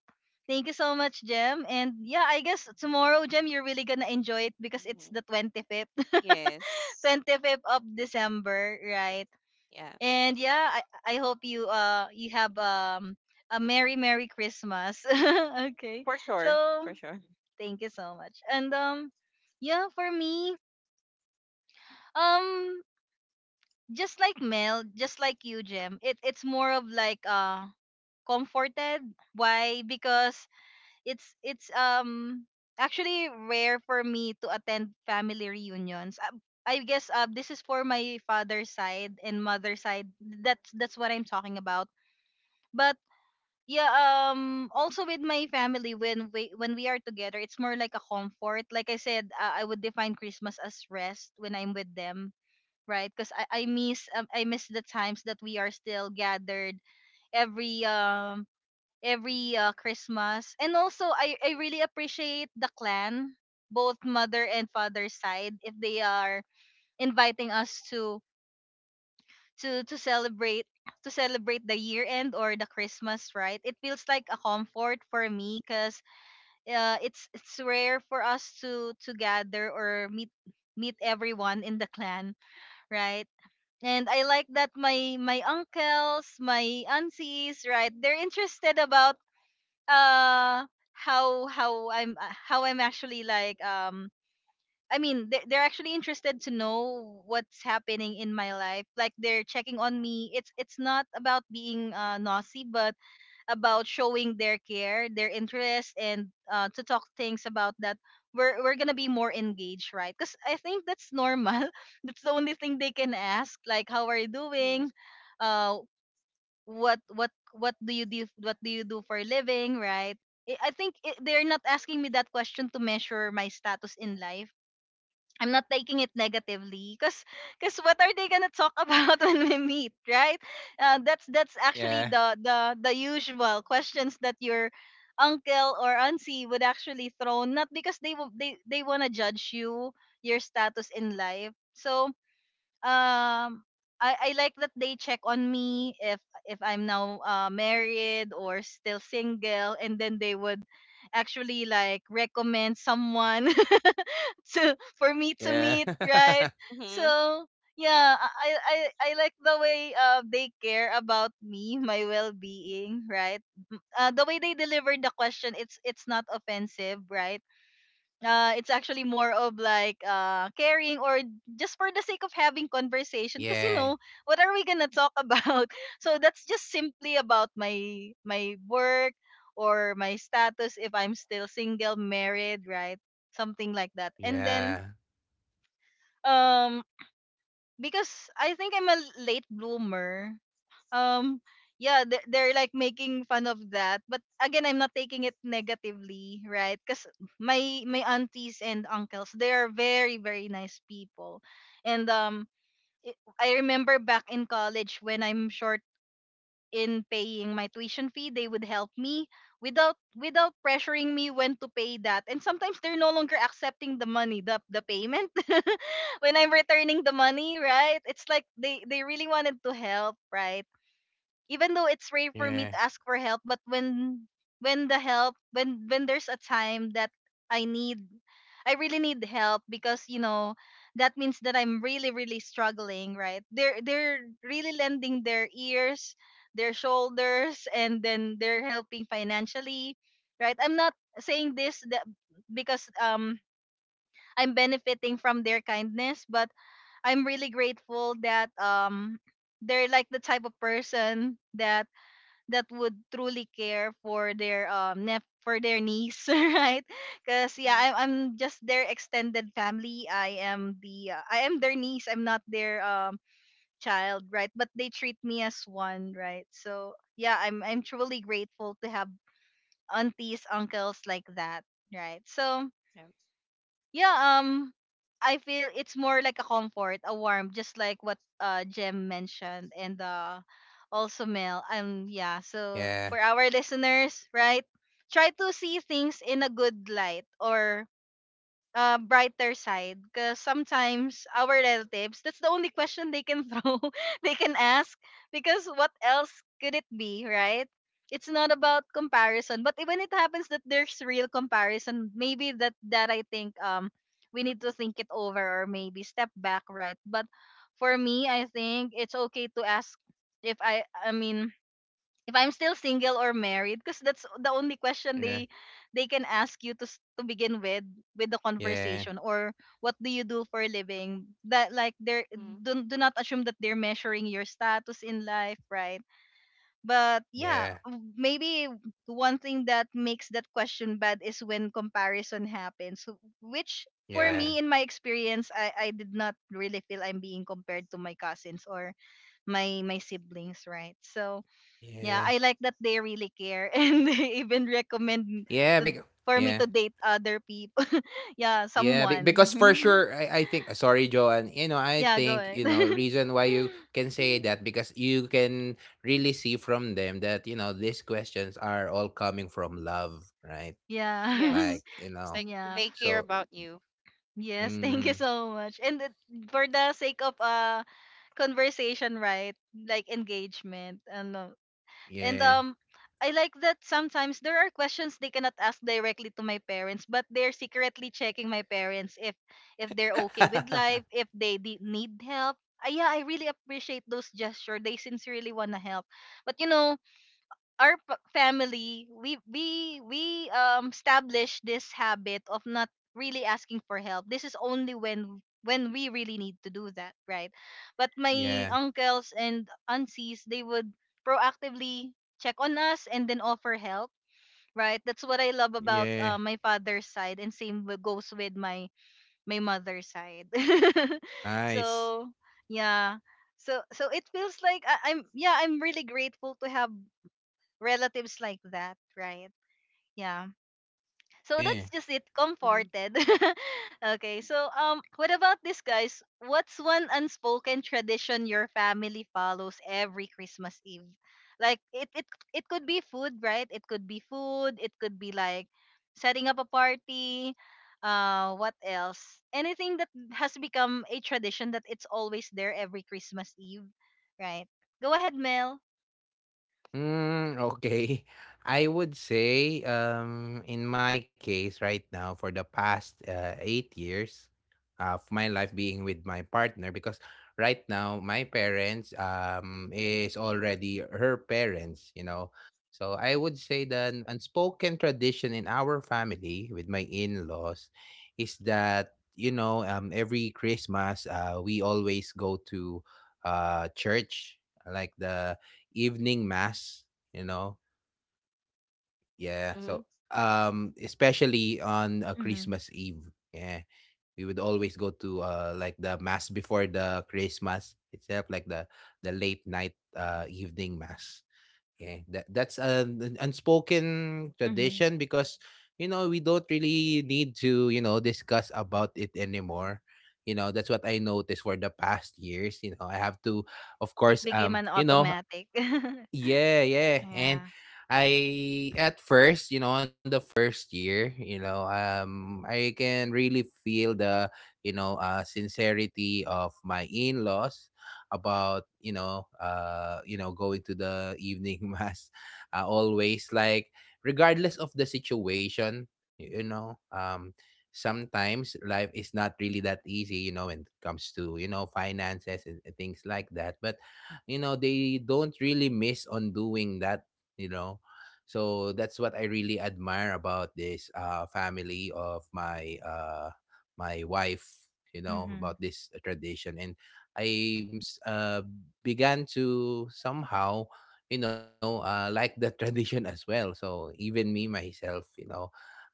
[SPEAKER 1] Thank you so much, Jem. And yeah, I guess tomorrow, Jem, you're really gonna enjoy it because it's
[SPEAKER 3] Hmm.
[SPEAKER 1] the 25th.
[SPEAKER 3] Yes.
[SPEAKER 1] 25th of December, right?
[SPEAKER 3] Yeah.
[SPEAKER 1] And yeah, I hope you you have a merry merry Christmas. Okay.
[SPEAKER 3] For
[SPEAKER 1] So,
[SPEAKER 3] sure. For sure.
[SPEAKER 1] thank you so much. And yeah, for me, um just like Mel, just like you, Jem, it it's more of like comforted. Why? Because it's actually rare for me to attend family reunions. I guess this is for my father's side and mother's side. That's what I'm talking about. But yeah, also with my family, when we are together, it's more like a comfort. Like I said, I would define Christmas as rest when I'm with them, right? Because I miss the times that we are still gathered every um every Christmas. And also, I really appreciate the clan, both mother and father side, if they are inviting us to celebrate to celebrate the year end or the Christmas, right? It feels like a comfort for me because it's rare for us to gather or meet everyone in the clan, right? And I like that my uncles, my aunties, right? They're interested about uh how I'm how I'm actually like I mean they they're actually interested to know what's happening in my life, like they're checking on me. It's not about being nosy but about showing their care, their interest, and to talk things about that we're going to be more engaged, right? Cuz I think that's normal. That's the only thing they can ask, like how are you
[SPEAKER 3] Mm-hmm.
[SPEAKER 1] doing, uh what do you do, what do you do for a living, right? I think it, they're not asking me that question to measure my status in life. I'm not taking it negatively because what are they gonna talk about when we meet, right? That's actually
[SPEAKER 2] Yeah.
[SPEAKER 1] the the usual questions that your uncle or auntie would actually throw, not because they they want to judge you, your status in life. So um I like that they check on me if I'm now married or still single, and then they would actually like recommend someone to for me to meet,
[SPEAKER 2] Yeah.
[SPEAKER 1] right?
[SPEAKER 3] Mm-hmm.
[SPEAKER 1] So yeah, I, I like the way they care about me my well-being, right? The way they delivered the question, it's not offensive, right? It's actually more of like caring or just for the sake of having conversation, because you know
[SPEAKER 2] Yeah.
[SPEAKER 1] what are we gonna talk about. So that's just simply about my work or my status if I'm still single married, right? Something like that. And then
[SPEAKER 2] Yeah.
[SPEAKER 1] um because I think I'm a late bloomer. um yeah, they're like making fun of that, but again I'm not taking it negatively, right? Because my aunties and uncles, they are very very nice people. And i I remember back in college when I'm short in paying my tuition fee, they would help me without pressuring me when to pay that. And sometimes they're no longer accepting the money, the payment when I'm returning the money, right? It's like they really wanted to help, right? Even though it's rare for me to
[SPEAKER 2] Yeah.
[SPEAKER 1] ask for help, but when the help when there's a time that I need I really need help, because you know that means that I'm really really struggling, right? They're really lending their ears, their shoulders, and then they're helping financially, right? I'm not saying this that because I'm benefiting from their kindness, but I'm really grateful that they're like the type of person that would truly care for their for their niece, right? Because yeah,
[SPEAKER 3] Mm-hmm.
[SPEAKER 1] I'm just their extended family. I am the I am their niece. I'm not their child, right? But they treat me as one, right? So yeah, I'm truly grateful to have aunties, uncles like that, right? So
[SPEAKER 3] Yeah.
[SPEAKER 1] yeah, I feel it's more like a comfort, a warm, just like what Jem mentioned and also Mel. Yeah. So for
[SPEAKER 2] Yeah.
[SPEAKER 1] our listeners, right, try to see things in a good light or brighter side, because sometimes our relatives, that's the only question they can throw they can ask, because what else could it be, right? It's not about comparison, but when it happens that there's real comparison, maybe that I think we need to think it over or maybe step back, right? But for me I think it's okay to ask if I mean if I'm still single or married, because that's the only question
[SPEAKER 2] Yeah.
[SPEAKER 1] they can ask you to to begin with the
[SPEAKER 2] Yeah.
[SPEAKER 1] conversation. Or what do you do for a living, that like they're
[SPEAKER 3] Mm-hmm.
[SPEAKER 1] do not assume that they're measuring your status in life, right? But yeah,
[SPEAKER 2] Yeah.
[SPEAKER 1] maybe one thing that makes that question bad is when comparison happens. Which for
[SPEAKER 2] Yeah.
[SPEAKER 3] Right.
[SPEAKER 1] me, in my experience, I did not really feel I'm being compared to my cousins or my siblings, right? So yeah,
[SPEAKER 2] Yeah.
[SPEAKER 1] I like that they really care and they even recommend
[SPEAKER 2] Yeah. Big.
[SPEAKER 1] to for
[SPEAKER 2] Yeah.
[SPEAKER 1] me to date other people. Yeah,
[SPEAKER 2] Yeah,
[SPEAKER 1] someone.
[SPEAKER 2] because for sure, I think, sorry, Joanne, you know, I
[SPEAKER 1] Yeah, go
[SPEAKER 2] think,
[SPEAKER 1] ahead.
[SPEAKER 2] you know, reason why you can say that, because you can really see from them that, you know, these questions are all coming from love, right? Like,
[SPEAKER 1] Yeah.
[SPEAKER 3] Yes.
[SPEAKER 2] you know,
[SPEAKER 3] It's like
[SPEAKER 1] Yeah.
[SPEAKER 3] they
[SPEAKER 2] so,
[SPEAKER 3] care about you.
[SPEAKER 1] Yes, thank you
[SPEAKER 2] mm,
[SPEAKER 1] so much. And for the sake of conversation, right? Like engagement. Ano. And
[SPEAKER 2] yeah.
[SPEAKER 1] I like that sometimes there are questions they cannot ask directly to my parents, but they're secretly checking my parents if they're okay with life, if they need help. Yeah, I really appreciate those gestures. They sincerely wanna help. But you know, our family we established this habit of not really asking for help. This is only when we really need to do that, right? But my
[SPEAKER 2] Yeah,
[SPEAKER 1] uncles and aunties they would proactively check on us and then offer help, right? That's what I love
[SPEAKER 2] yeah,
[SPEAKER 1] about my father's side, and same goes with my mother's side.
[SPEAKER 2] nice.
[SPEAKER 1] So yeah, so so it feels like I'm really grateful to have relatives like that, right? Yeah. So
[SPEAKER 2] Yeah.
[SPEAKER 1] that's just it.
[SPEAKER 3] Mm-hmm.
[SPEAKER 1] Comforted. Okay. So what about this, guys? What's one unspoken tradition your family follows every Christmas Eve? Like it could be food, right? It could be food. It could be like setting up a party. What else? Anything that has become a tradition that it's always there every Christmas Eve, right? Go ahead, Mel.
[SPEAKER 2] Mm, okay. I would say, in my case right now, for the past 8 years of my life being with my partner, because right now my parents is already her parents, you know. So I would say that an unspoken tradition in our family with my in-laws is that, you know, every Christmas we always go to church, like the evening mass, you know. Yeah.
[SPEAKER 3] Mm-hmm.
[SPEAKER 2] So, especially on
[SPEAKER 1] Mm-hmm.
[SPEAKER 2] Christmas Eve. Yeah. We would always go to like the mass before the Christmas itself, like the late night evening mass. Yeah. That's an unspoken
[SPEAKER 1] Mm-hmm.
[SPEAKER 2] tradition because, you know, we don't really need to, you know, discuss about it anymore. You know, that's what I noticed for the past years. You know I have to, of
[SPEAKER 1] It
[SPEAKER 2] course,
[SPEAKER 1] became an
[SPEAKER 2] you know,
[SPEAKER 1] automatic.
[SPEAKER 2] yeah, yeah. And
[SPEAKER 1] Yeah.
[SPEAKER 2] I at first, you know, on the first year, you know, I can really feel the, you know, sincerity of my in-laws about, you know, going to the evening mass, always, like regardless of the situation, you know, sometimes life is not really that easy, you know, when it comes to, you know, finances and things like that. But you know, they don't really miss on doing that, you know. So that's what I really admire about this family of my wife, you know,
[SPEAKER 1] hmm
[SPEAKER 2] about this tradition. And I uh, began to somehow, you know, like the tradition as well. So even me myself, you know,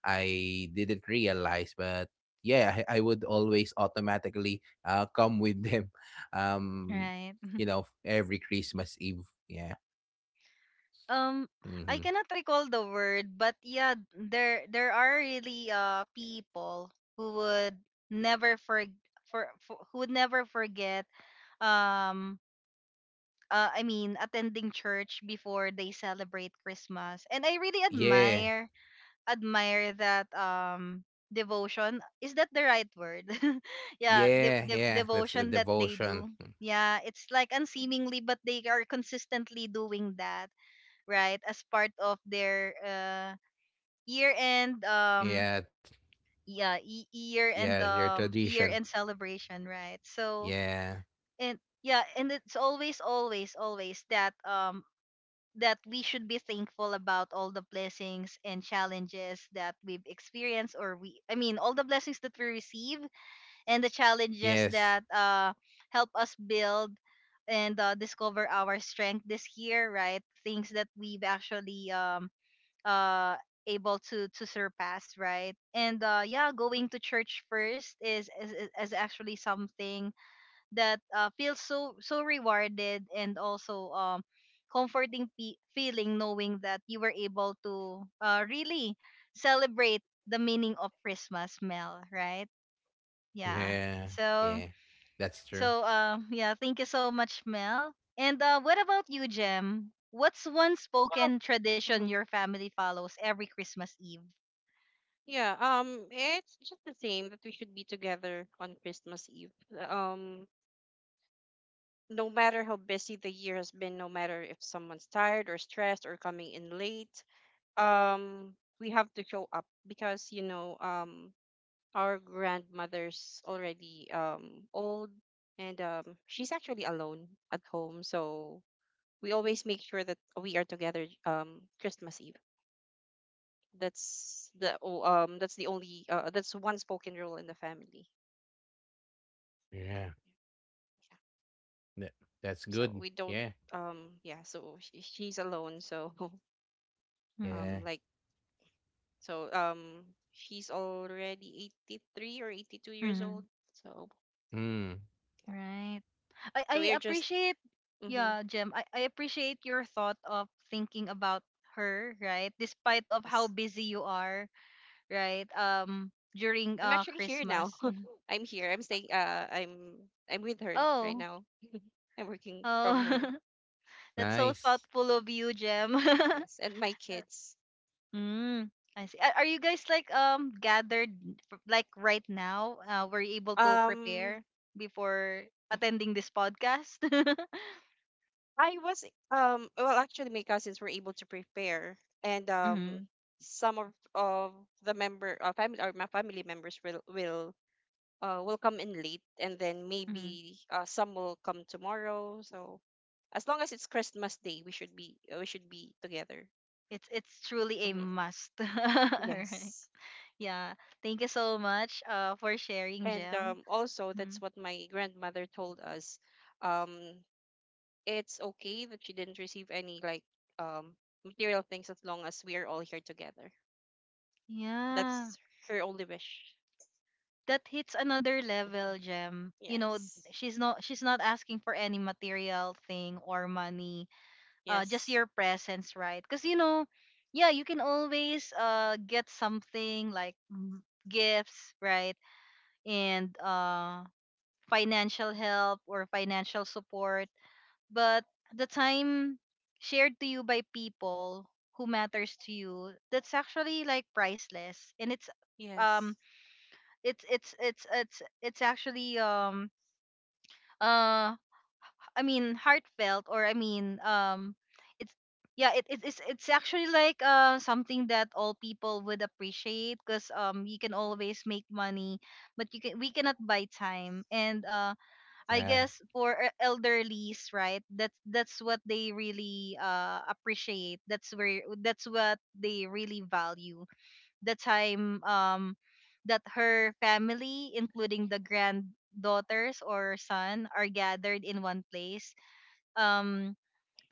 [SPEAKER 2] I didn't realize, but yeah, I would always automatically come with them, um
[SPEAKER 1] Right.
[SPEAKER 2] you know, every Christmas Eve. Yeah.
[SPEAKER 1] Um, I
[SPEAKER 2] Hmm.
[SPEAKER 1] cannot recall the word, but yeah, there are really people who would never for, for who would never forget um I mean attending church before they celebrate Christmas, and I really
[SPEAKER 2] Yeah.
[SPEAKER 1] admire that devotion. Is that the right word? Yeah,
[SPEAKER 2] Yeah. Yeah. That's the
[SPEAKER 1] devotion that they
[SPEAKER 2] devotion.
[SPEAKER 1] do. Yeah, it's like unseemingly, but they are consistently doing that, right? As part of their year end
[SPEAKER 2] Yeah.
[SPEAKER 1] yeah
[SPEAKER 2] Yeah. Your tradition.
[SPEAKER 1] year end celebration, right? So
[SPEAKER 2] Yeah.
[SPEAKER 1] and yeah, and it's always, always, always that that we should be thankful about all the blessings and challenges that we've experienced or we I mean all the blessings that we receive and the challenges
[SPEAKER 2] Yes.
[SPEAKER 1] that help us build and discover our strength this year, right? Things that we've actually uh able to surpass, right? And yeah, going to church
[SPEAKER 2] Yes.
[SPEAKER 1] first
[SPEAKER 2] Yes, I agree.
[SPEAKER 1] is actually something that feels so so rewarded and also comforting pe feeling knowing that you were able to really celebrate the meaning of Christmas, Mel, right? Yeah.
[SPEAKER 2] Yeah.
[SPEAKER 1] So
[SPEAKER 2] Yeah. That's true.
[SPEAKER 1] so yeah, thank you so much, Mel. And what about you, Jem? What's one
[SPEAKER 3] Well,
[SPEAKER 1] spoken tradition
[SPEAKER 3] hmm
[SPEAKER 1] your family follows every Christmas Eve?
[SPEAKER 3] yeah, it's just the same that we should be together on Christmas Eve. Um, no matter how busy the year has been, no matter if someone's tired or stressed or coming in late, um, we have to show up because, you know, our grandmother's already, old, and she's actually alone at home. So we always make sure that we are together, Christmas Eve. That's the only, that's one spoken rule in the family.
[SPEAKER 2] Yeah.
[SPEAKER 3] Yeah.
[SPEAKER 2] That, that's
[SPEAKER 3] So
[SPEAKER 2] good.
[SPEAKER 3] we don't,
[SPEAKER 2] Yeah.
[SPEAKER 3] yeah. So she's alone. So
[SPEAKER 1] Mm-hmm.
[SPEAKER 2] Yeah.
[SPEAKER 3] um like so, she's already 83 or 82 years old. So
[SPEAKER 2] Mm.
[SPEAKER 3] yeah.
[SPEAKER 1] Right. I
[SPEAKER 3] So we are just.
[SPEAKER 1] appreciate
[SPEAKER 3] Mhm.
[SPEAKER 1] yeah, Jem. I appreciate your thought of thinking about her, right? Despite of how
[SPEAKER 3] Yes.
[SPEAKER 1] busy you are, right? During
[SPEAKER 3] I'm actually here now.
[SPEAKER 1] Christmas. Mhm.
[SPEAKER 3] I'm here. I'm staying, I'm with her right
[SPEAKER 1] Oh.
[SPEAKER 3] now. I'm working
[SPEAKER 1] Oh.
[SPEAKER 3] from her.
[SPEAKER 1] That's so
[SPEAKER 2] Nice.
[SPEAKER 1] thoughtful of you, Jem.
[SPEAKER 3] Yes, and my kids.
[SPEAKER 1] Mm. I see. Are you guys like gathered like right now? Were you able to
[SPEAKER 3] Um
[SPEAKER 1] prepare before attending this podcast?
[SPEAKER 3] I was, well actually my cousins were able to prepare, and
[SPEAKER 1] Mm-hmm.
[SPEAKER 3] um some of the member, family, or my family members will come in late, and then maybe, some will come tomorrow. So as long as it's Christmas Day, we should be together.
[SPEAKER 1] It's truly a
[SPEAKER 3] Hmm.
[SPEAKER 1] must. Alright.
[SPEAKER 3] Yes,
[SPEAKER 1] Yeah. Thank you so much for sharing,
[SPEAKER 3] and
[SPEAKER 1] Jem.
[SPEAKER 3] um, also that's
[SPEAKER 1] Mhm.
[SPEAKER 3] what my grandmother told us. Um, it's okay that she didn't receive any, like, um, material things, as long as we are all here together.
[SPEAKER 1] Yeah.
[SPEAKER 3] That's her only wish.
[SPEAKER 1] That hits another
[SPEAKER 3] Hmm.
[SPEAKER 1] level, Jem. You know,
[SPEAKER 3] Yes,
[SPEAKER 1] she's not asking for any material thing or money. Uh, just
[SPEAKER 3] yes,
[SPEAKER 1] your presence, right? Cuz you know, yeah, you can always get something like gifts, right? And financial help or financial support but the time shared to you by people who matters to you, that's actually like priceless and um
[SPEAKER 3] yes.
[SPEAKER 1] it's actually uh I mean heartfelt or I mean it's yeah, it's actually like something that all people would appreciate because you can
[SPEAKER 3] Mm-hmm.
[SPEAKER 1] always make money but you can we cannot buy time. And I
[SPEAKER 2] Yeah.
[SPEAKER 1] guess for elderlies, right? That's what they really appreciate. That's what they really value. The time that her family, including the granddaughters or son, are gathered in one place. Um,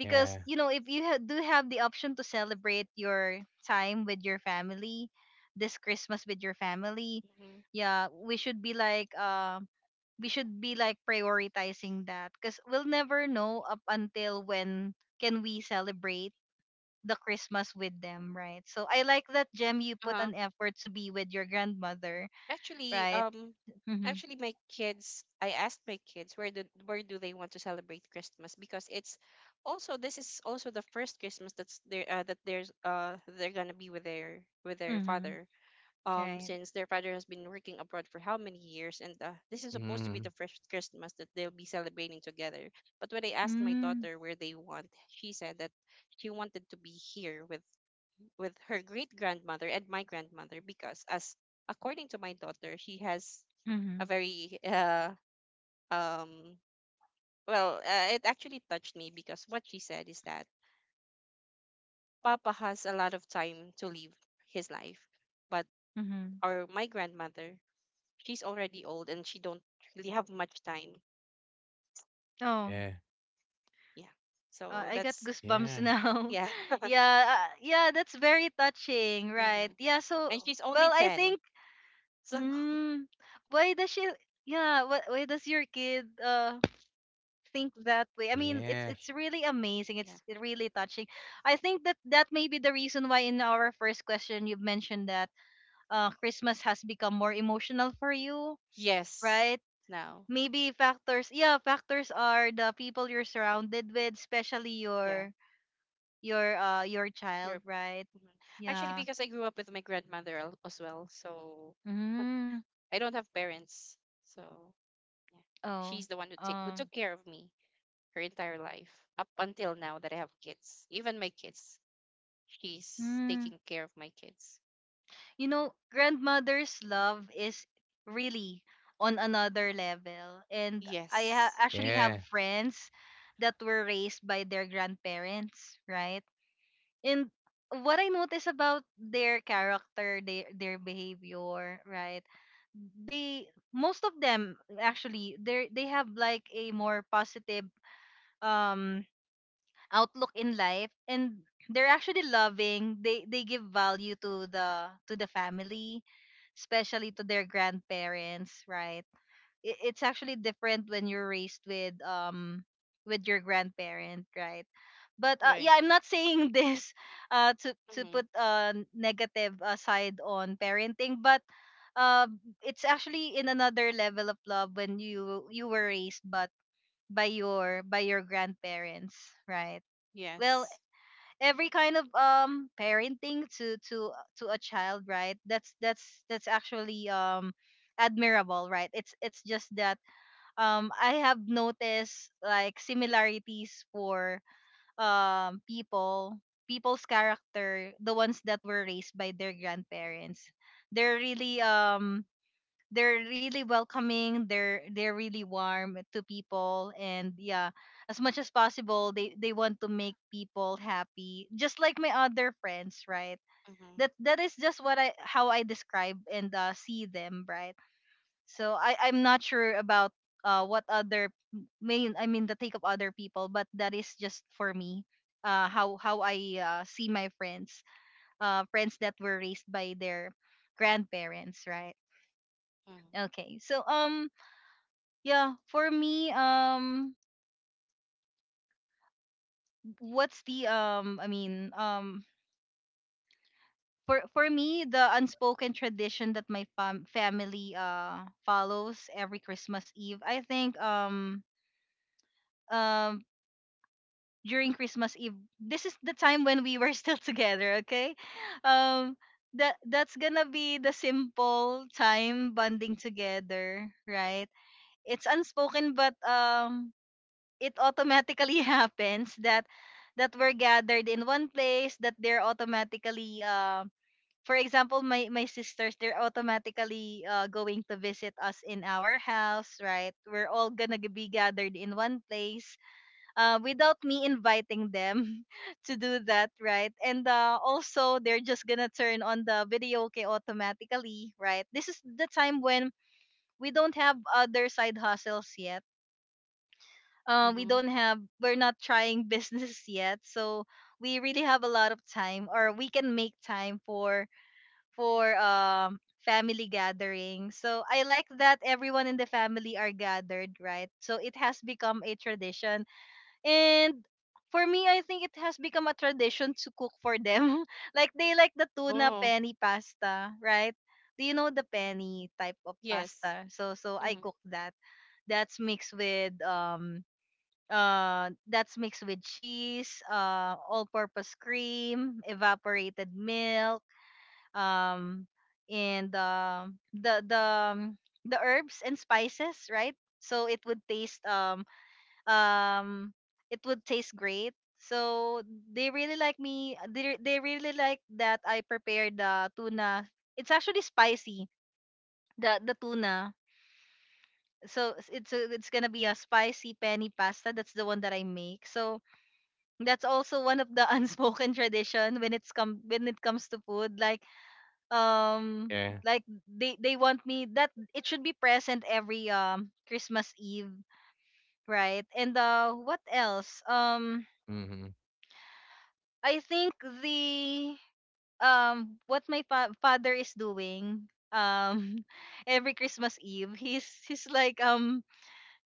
[SPEAKER 2] Yeah.
[SPEAKER 1] you know if you do have the option to celebrate your time with your family this Christmas with your family,
[SPEAKER 3] Mm-hmm.
[SPEAKER 1] yeah we should be like we should be like prioritizing that because we'll never know up until when can we celebrate the Christmas with them, right? So I like that, Gem, you put
[SPEAKER 3] Uh-huh.
[SPEAKER 1] an effort to be with your grandmother,
[SPEAKER 3] Actually,
[SPEAKER 1] right. Mm-hmm.
[SPEAKER 3] my kids. I asked my kids where do they want to celebrate Christmas because, it's also this is also the first Christmas that's there that there's they're gonna be with their
[SPEAKER 1] Mm-hmm.
[SPEAKER 3] father.
[SPEAKER 1] Right.
[SPEAKER 3] Since their father has been working abroad for how many years, and this is supposed to be
[SPEAKER 2] Mm.
[SPEAKER 3] the first Christmas that they'll be celebrating together. But when I asked my
[SPEAKER 1] Mm.
[SPEAKER 3] daughter where they want, she said that she wanted to be here with her great grandmother and my grandmother because, as according to my daughter, she has
[SPEAKER 1] Mm-hmm.
[SPEAKER 3] a very, um it actually touched me because what she said is that papa has a lot of time to live his life, but
[SPEAKER 1] Mm-hmm.
[SPEAKER 3] our my grandmother, she's already old and she don't really have much time.
[SPEAKER 1] Oh.
[SPEAKER 2] Yeah.
[SPEAKER 3] Yeah. So
[SPEAKER 1] I got
[SPEAKER 3] that's.
[SPEAKER 2] Yeah.
[SPEAKER 1] goosebumps now.
[SPEAKER 3] Yeah.
[SPEAKER 1] Yeah, yeah, that's very touching,
[SPEAKER 3] Hmm.
[SPEAKER 1] right? Yeah. So
[SPEAKER 3] And she's only
[SPEAKER 1] well, I
[SPEAKER 3] 10.
[SPEAKER 1] think,
[SPEAKER 3] So
[SPEAKER 1] mm, why does she, yeah, why does your kid think that way. I mean,
[SPEAKER 2] Yeah.
[SPEAKER 1] it's really amazing.
[SPEAKER 3] yeah.
[SPEAKER 1] It's really touching. I think that that may be the reason why in our first question you have mentioned that Christmas has become more emotional for you,
[SPEAKER 3] Yes,
[SPEAKER 1] right?
[SPEAKER 3] now.
[SPEAKER 1] Maybe factors. Yeah, factors are the people you're surrounded with, especially
[SPEAKER 3] Yeah.
[SPEAKER 1] your child,
[SPEAKER 3] You're.
[SPEAKER 1] right?
[SPEAKER 3] Mhm. Actually,
[SPEAKER 1] Yeah.
[SPEAKER 3] because I grew up with my grandmother, as well, so
[SPEAKER 1] Mm.
[SPEAKER 3] I don't have parents. So yeah,
[SPEAKER 1] Oh.
[SPEAKER 3] she's the one who take who
[SPEAKER 1] Um.
[SPEAKER 3] took care of me, her entire life up until now that I have kids. Even my kids, she's taking care of my kids.
[SPEAKER 1] You know, grandmother's love is really on another level. And I
[SPEAKER 3] Yes.
[SPEAKER 1] actually have
[SPEAKER 2] Yeah.
[SPEAKER 1] friends that were raised by their grandparents, right? And what I notice about their character, their behavior, right? They, most of them actually, they have like a more positive um outlook in life and they're actually loving, they give value to the family, especially to their grandparents, right? It's actually different when you're raised with your grandparent, right? But
[SPEAKER 3] Right.
[SPEAKER 1] yeah, I'm not saying this to
[SPEAKER 3] Mm-hmm.
[SPEAKER 1] put a negative aside on parenting but uh, it's actually in another level of love when you were raised but by your grandparents, right? Well,
[SPEAKER 3] Yes.
[SPEAKER 1] every kind of parenting to a child, right, that's that's actually admirable, right. It's just that I have noticed like similarities for um people people's character, the ones that were raised by their grandparents. They're really they're really welcoming, they're really warm to people, and yeah, as much as possible they want to make people happy, just like my other friends, right? that
[SPEAKER 3] Mm-hmm.
[SPEAKER 1] that is just what I how I describe and see them, right. So I'm not sure about what other main I mean the take of other people, but that is just for me how I see my friends, friends that were raised by their grandparents, right.
[SPEAKER 3] Mm-hmm.
[SPEAKER 1] Okay, so yeah, for me, what's the I mean, for me, the unspoken tradition that my family follows every Christmas Eve. I think um during Christmas Eve, this is the time when we were still together. Okay, um, that that's gonna be the simple time bonding together, right? It's unspoken, but it automatically happens that that we're gathered in one place, that they're automatically for example my my sisters, they're automatically going to visit us in our house, right? We're all gonna be gathered in one place without me inviting them to do that, right. And also they're just gonna turn on the video okay automatically, right. This is the time when we don't have other side hustles yet, we
[SPEAKER 3] Mm-hmm.
[SPEAKER 1] don't have we're not trying business yet. So we really have a lot of time, or we can make time for family gathering. So I like that everyone in the family are gathered, right. So it has become a tradition. And for me I think it has become a tradition to cook for them like they like the tuna
[SPEAKER 3] Oh,
[SPEAKER 1] penny pasta, right. Do you know the penny type of
[SPEAKER 3] yes.
[SPEAKER 1] pasta? So so I
[SPEAKER 3] Mm-hmm.
[SPEAKER 1] cook that, that's mixed with um that's mixed with cheese, all-purpose cream, evaporated milk, um and um, the herbs and spices, right? So um it would taste great. So they really like me, they really like that I prepared the tuna. It's actually spicy, the tuna. So it's gonna be a spicy penny pasta. That's the one that I make. So that's also one of the unspoken tradition when it comes to food, um
[SPEAKER 2] Yeah.
[SPEAKER 1] like they want me that it should be present every Christmas Eve, right. And what else? um
[SPEAKER 2] Mm-hmm.
[SPEAKER 1] i think the what my father is doing every Christmas Eve, he's he's like um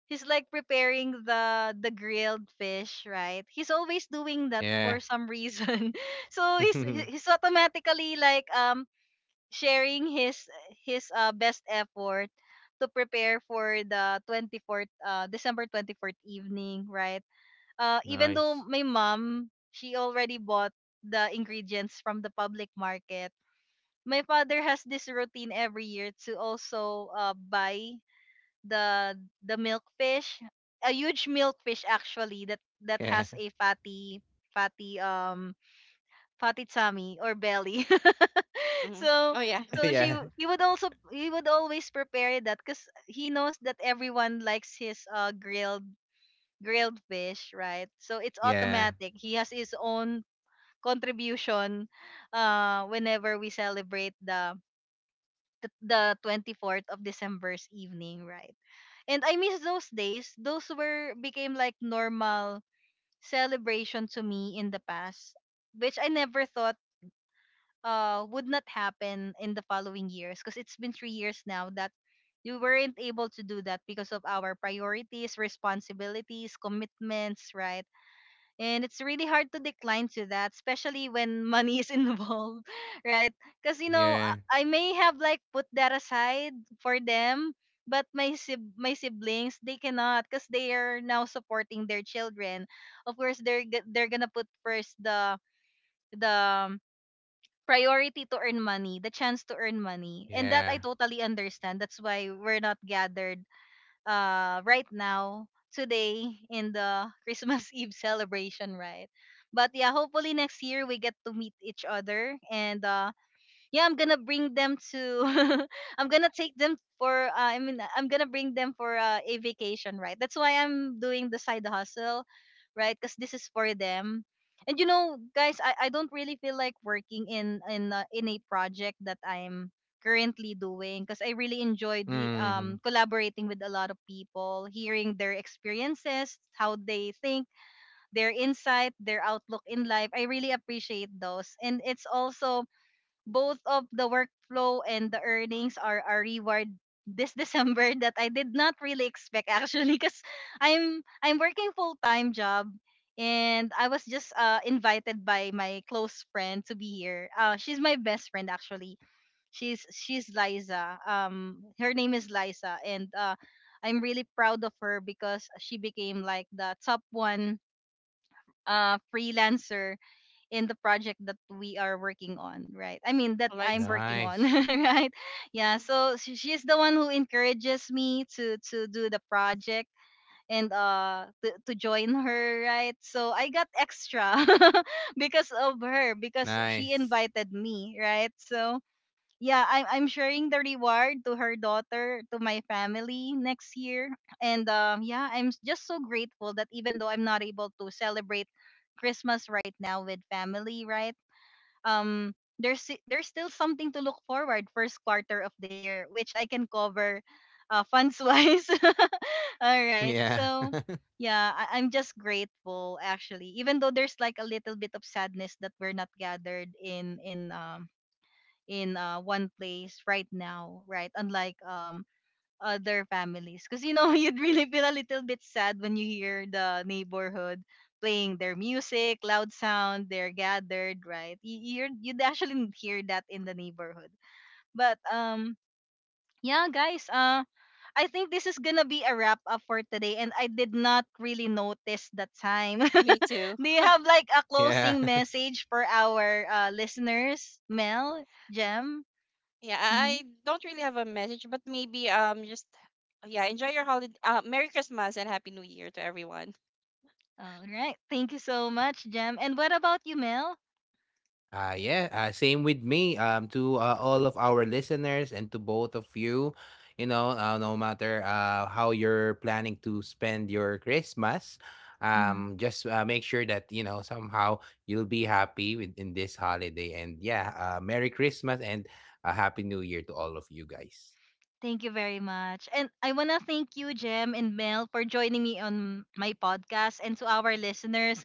[SPEAKER 1] he's like preparing the grilled fish, right? He's always doing that
[SPEAKER 2] Yeah.
[SPEAKER 1] for some reason. So he's automatically like sharing his best effort to prepare for the 24th December 24th evening, right? Uh, even though
[SPEAKER 2] Nice.
[SPEAKER 1] my mom, she already bought the ingredients from the public market. My father has this routine every year to also buy the the milkfish, a huge milkfish actually, that that
[SPEAKER 2] Yeah.
[SPEAKER 1] has a fatty um fatty tummy or belly.
[SPEAKER 3] Mm-hmm.
[SPEAKER 1] So
[SPEAKER 3] Oh yeah.
[SPEAKER 1] so
[SPEAKER 2] Yeah.
[SPEAKER 1] she w- he would also he would always prepare that because he knows that everyone likes his grilled grilled fish, right? So it's
[SPEAKER 2] Yeah.
[SPEAKER 1] automatic. He has his own contribution whenever we celebrate the 24th of December's evening, right? And I miss those days. Those were became like normal celebration to me in the past, which I never thought would not happen in the following years because it's been three years now that we weren't able to do that because of our priorities, responsibilities, commitments, right? And it's really hard to decline to that, especially when money is involved, right? Because, you know,
[SPEAKER 2] Yeah.
[SPEAKER 1] I may have like put that aside for them, but my siblings, they cannot because they are now supporting their children. Of course, they're gonna put first the priority to earn money, the chance to earn money. And that
[SPEAKER 2] Yeah.
[SPEAKER 1] I totally understand. That's why we're not gathered right now today in the Christmas Eve celebration, right? But yeah, hopefully next year we get to meet each other, and yeah I'm gonna bring them to I'm gonna bring them for a vacation, right? That's why I'm doing the side hustle, right? Because this is for them. And you know guys, I don't really feel like working in a project that I'm currently doing, because I really enjoy the
[SPEAKER 2] Hmm.
[SPEAKER 1] collaborating with a lot of people, hearing their experiences, how they think, their insight, their outlook in life. I really appreciate those, and it's also both of the workflow and the earnings are a reward this December that I did not really expect actually, because I'm working full time job. And I was just invited by my close friend to be here. She's my best friend actually. She's Liza. Her name is Liza, and I'm really proud of her because she became like the top one freelancer in the project that we are working on, right? I mean that I'm
[SPEAKER 3] Eliza.
[SPEAKER 1] working on,
[SPEAKER 2] Nice.
[SPEAKER 1] right? Yeah,
[SPEAKER 3] Mm-hmm.
[SPEAKER 1] so she's the one who encourages me to do the project, and to join her, right? So I got extra because of her, because she
[SPEAKER 2] Nice.
[SPEAKER 1] invited me, right? So yeah, I'm sharing the reward to her daughter, to my family next year. And yeah, just so grateful that even though I'm not able to celebrate christmas right now with family, right? um there's still something to look forward, first quarter of the year, which I can cover funds wise. All right.
[SPEAKER 2] Yeah.
[SPEAKER 1] So, yeah, I'm just grateful actually. Even though there's like a little bit of sadness that we're not gathered in one place right now, right? Unlike other families, because you know you'd really feel a little bit sad when you hear the neighborhood playing their music loud sound, they're gathered, right? You'd actually hear that in the neighborhood. But um, yeah guys uh, I think this is gonna be a wrap up for today, and I did not really notice the time.
[SPEAKER 3] Me too.
[SPEAKER 1] Do you have like a
[SPEAKER 2] Yeah.
[SPEAKER 1] closing message for our listeners, Mel, Jem?
[SPEAKER 3] Yeah,
[SPEAKER 1] Mm-hmm.
[SPEAKER 3] I don't really have a message, but maybe, just yeah, enjoy your holiday. Merry Christmas and Happy New Year to everyone.
[SPEAKER 1] All right. Thank you so much, Jem. And what about you, Mel?
[SPEAKER 2] Yeah. Same with me. To all of our listeners and to both of you, you know, no matter how you're planning to spend your Christmas,
[SPEAKER 1] Hmm.
[SPEAKER 2] just make sure that you know somehow you'll be happy with in this holiday. And yeah, Merry Christmas and a Happy New Year to all of you guys.
[SPEAKER 1] Thank you very much. And I want to thank you, Jem and Mel, for joining me on my podcast and to our listeners.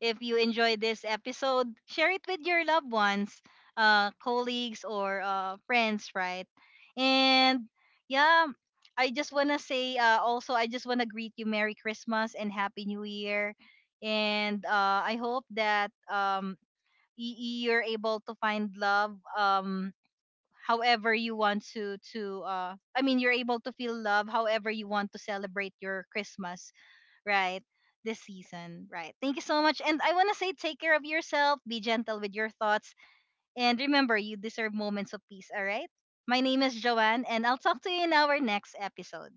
[SPEAKER 1] If you enjoyed this episode, share it with your loved ones, colleagues, or friends, right? And yeah, I just want to say also, I just want to greet you Merry Christmas and Happy New Year. And I hope that you're able to find love however you want to I mean you're able to feel love however you want to celebrate your christmas, right? This season, right? Thank you so much. And I want to say take care of yourself, be gentle with your thoughts, and remember you deserve moments of peace, all right? My name is Joanne, and I'll talk to you in our next episode.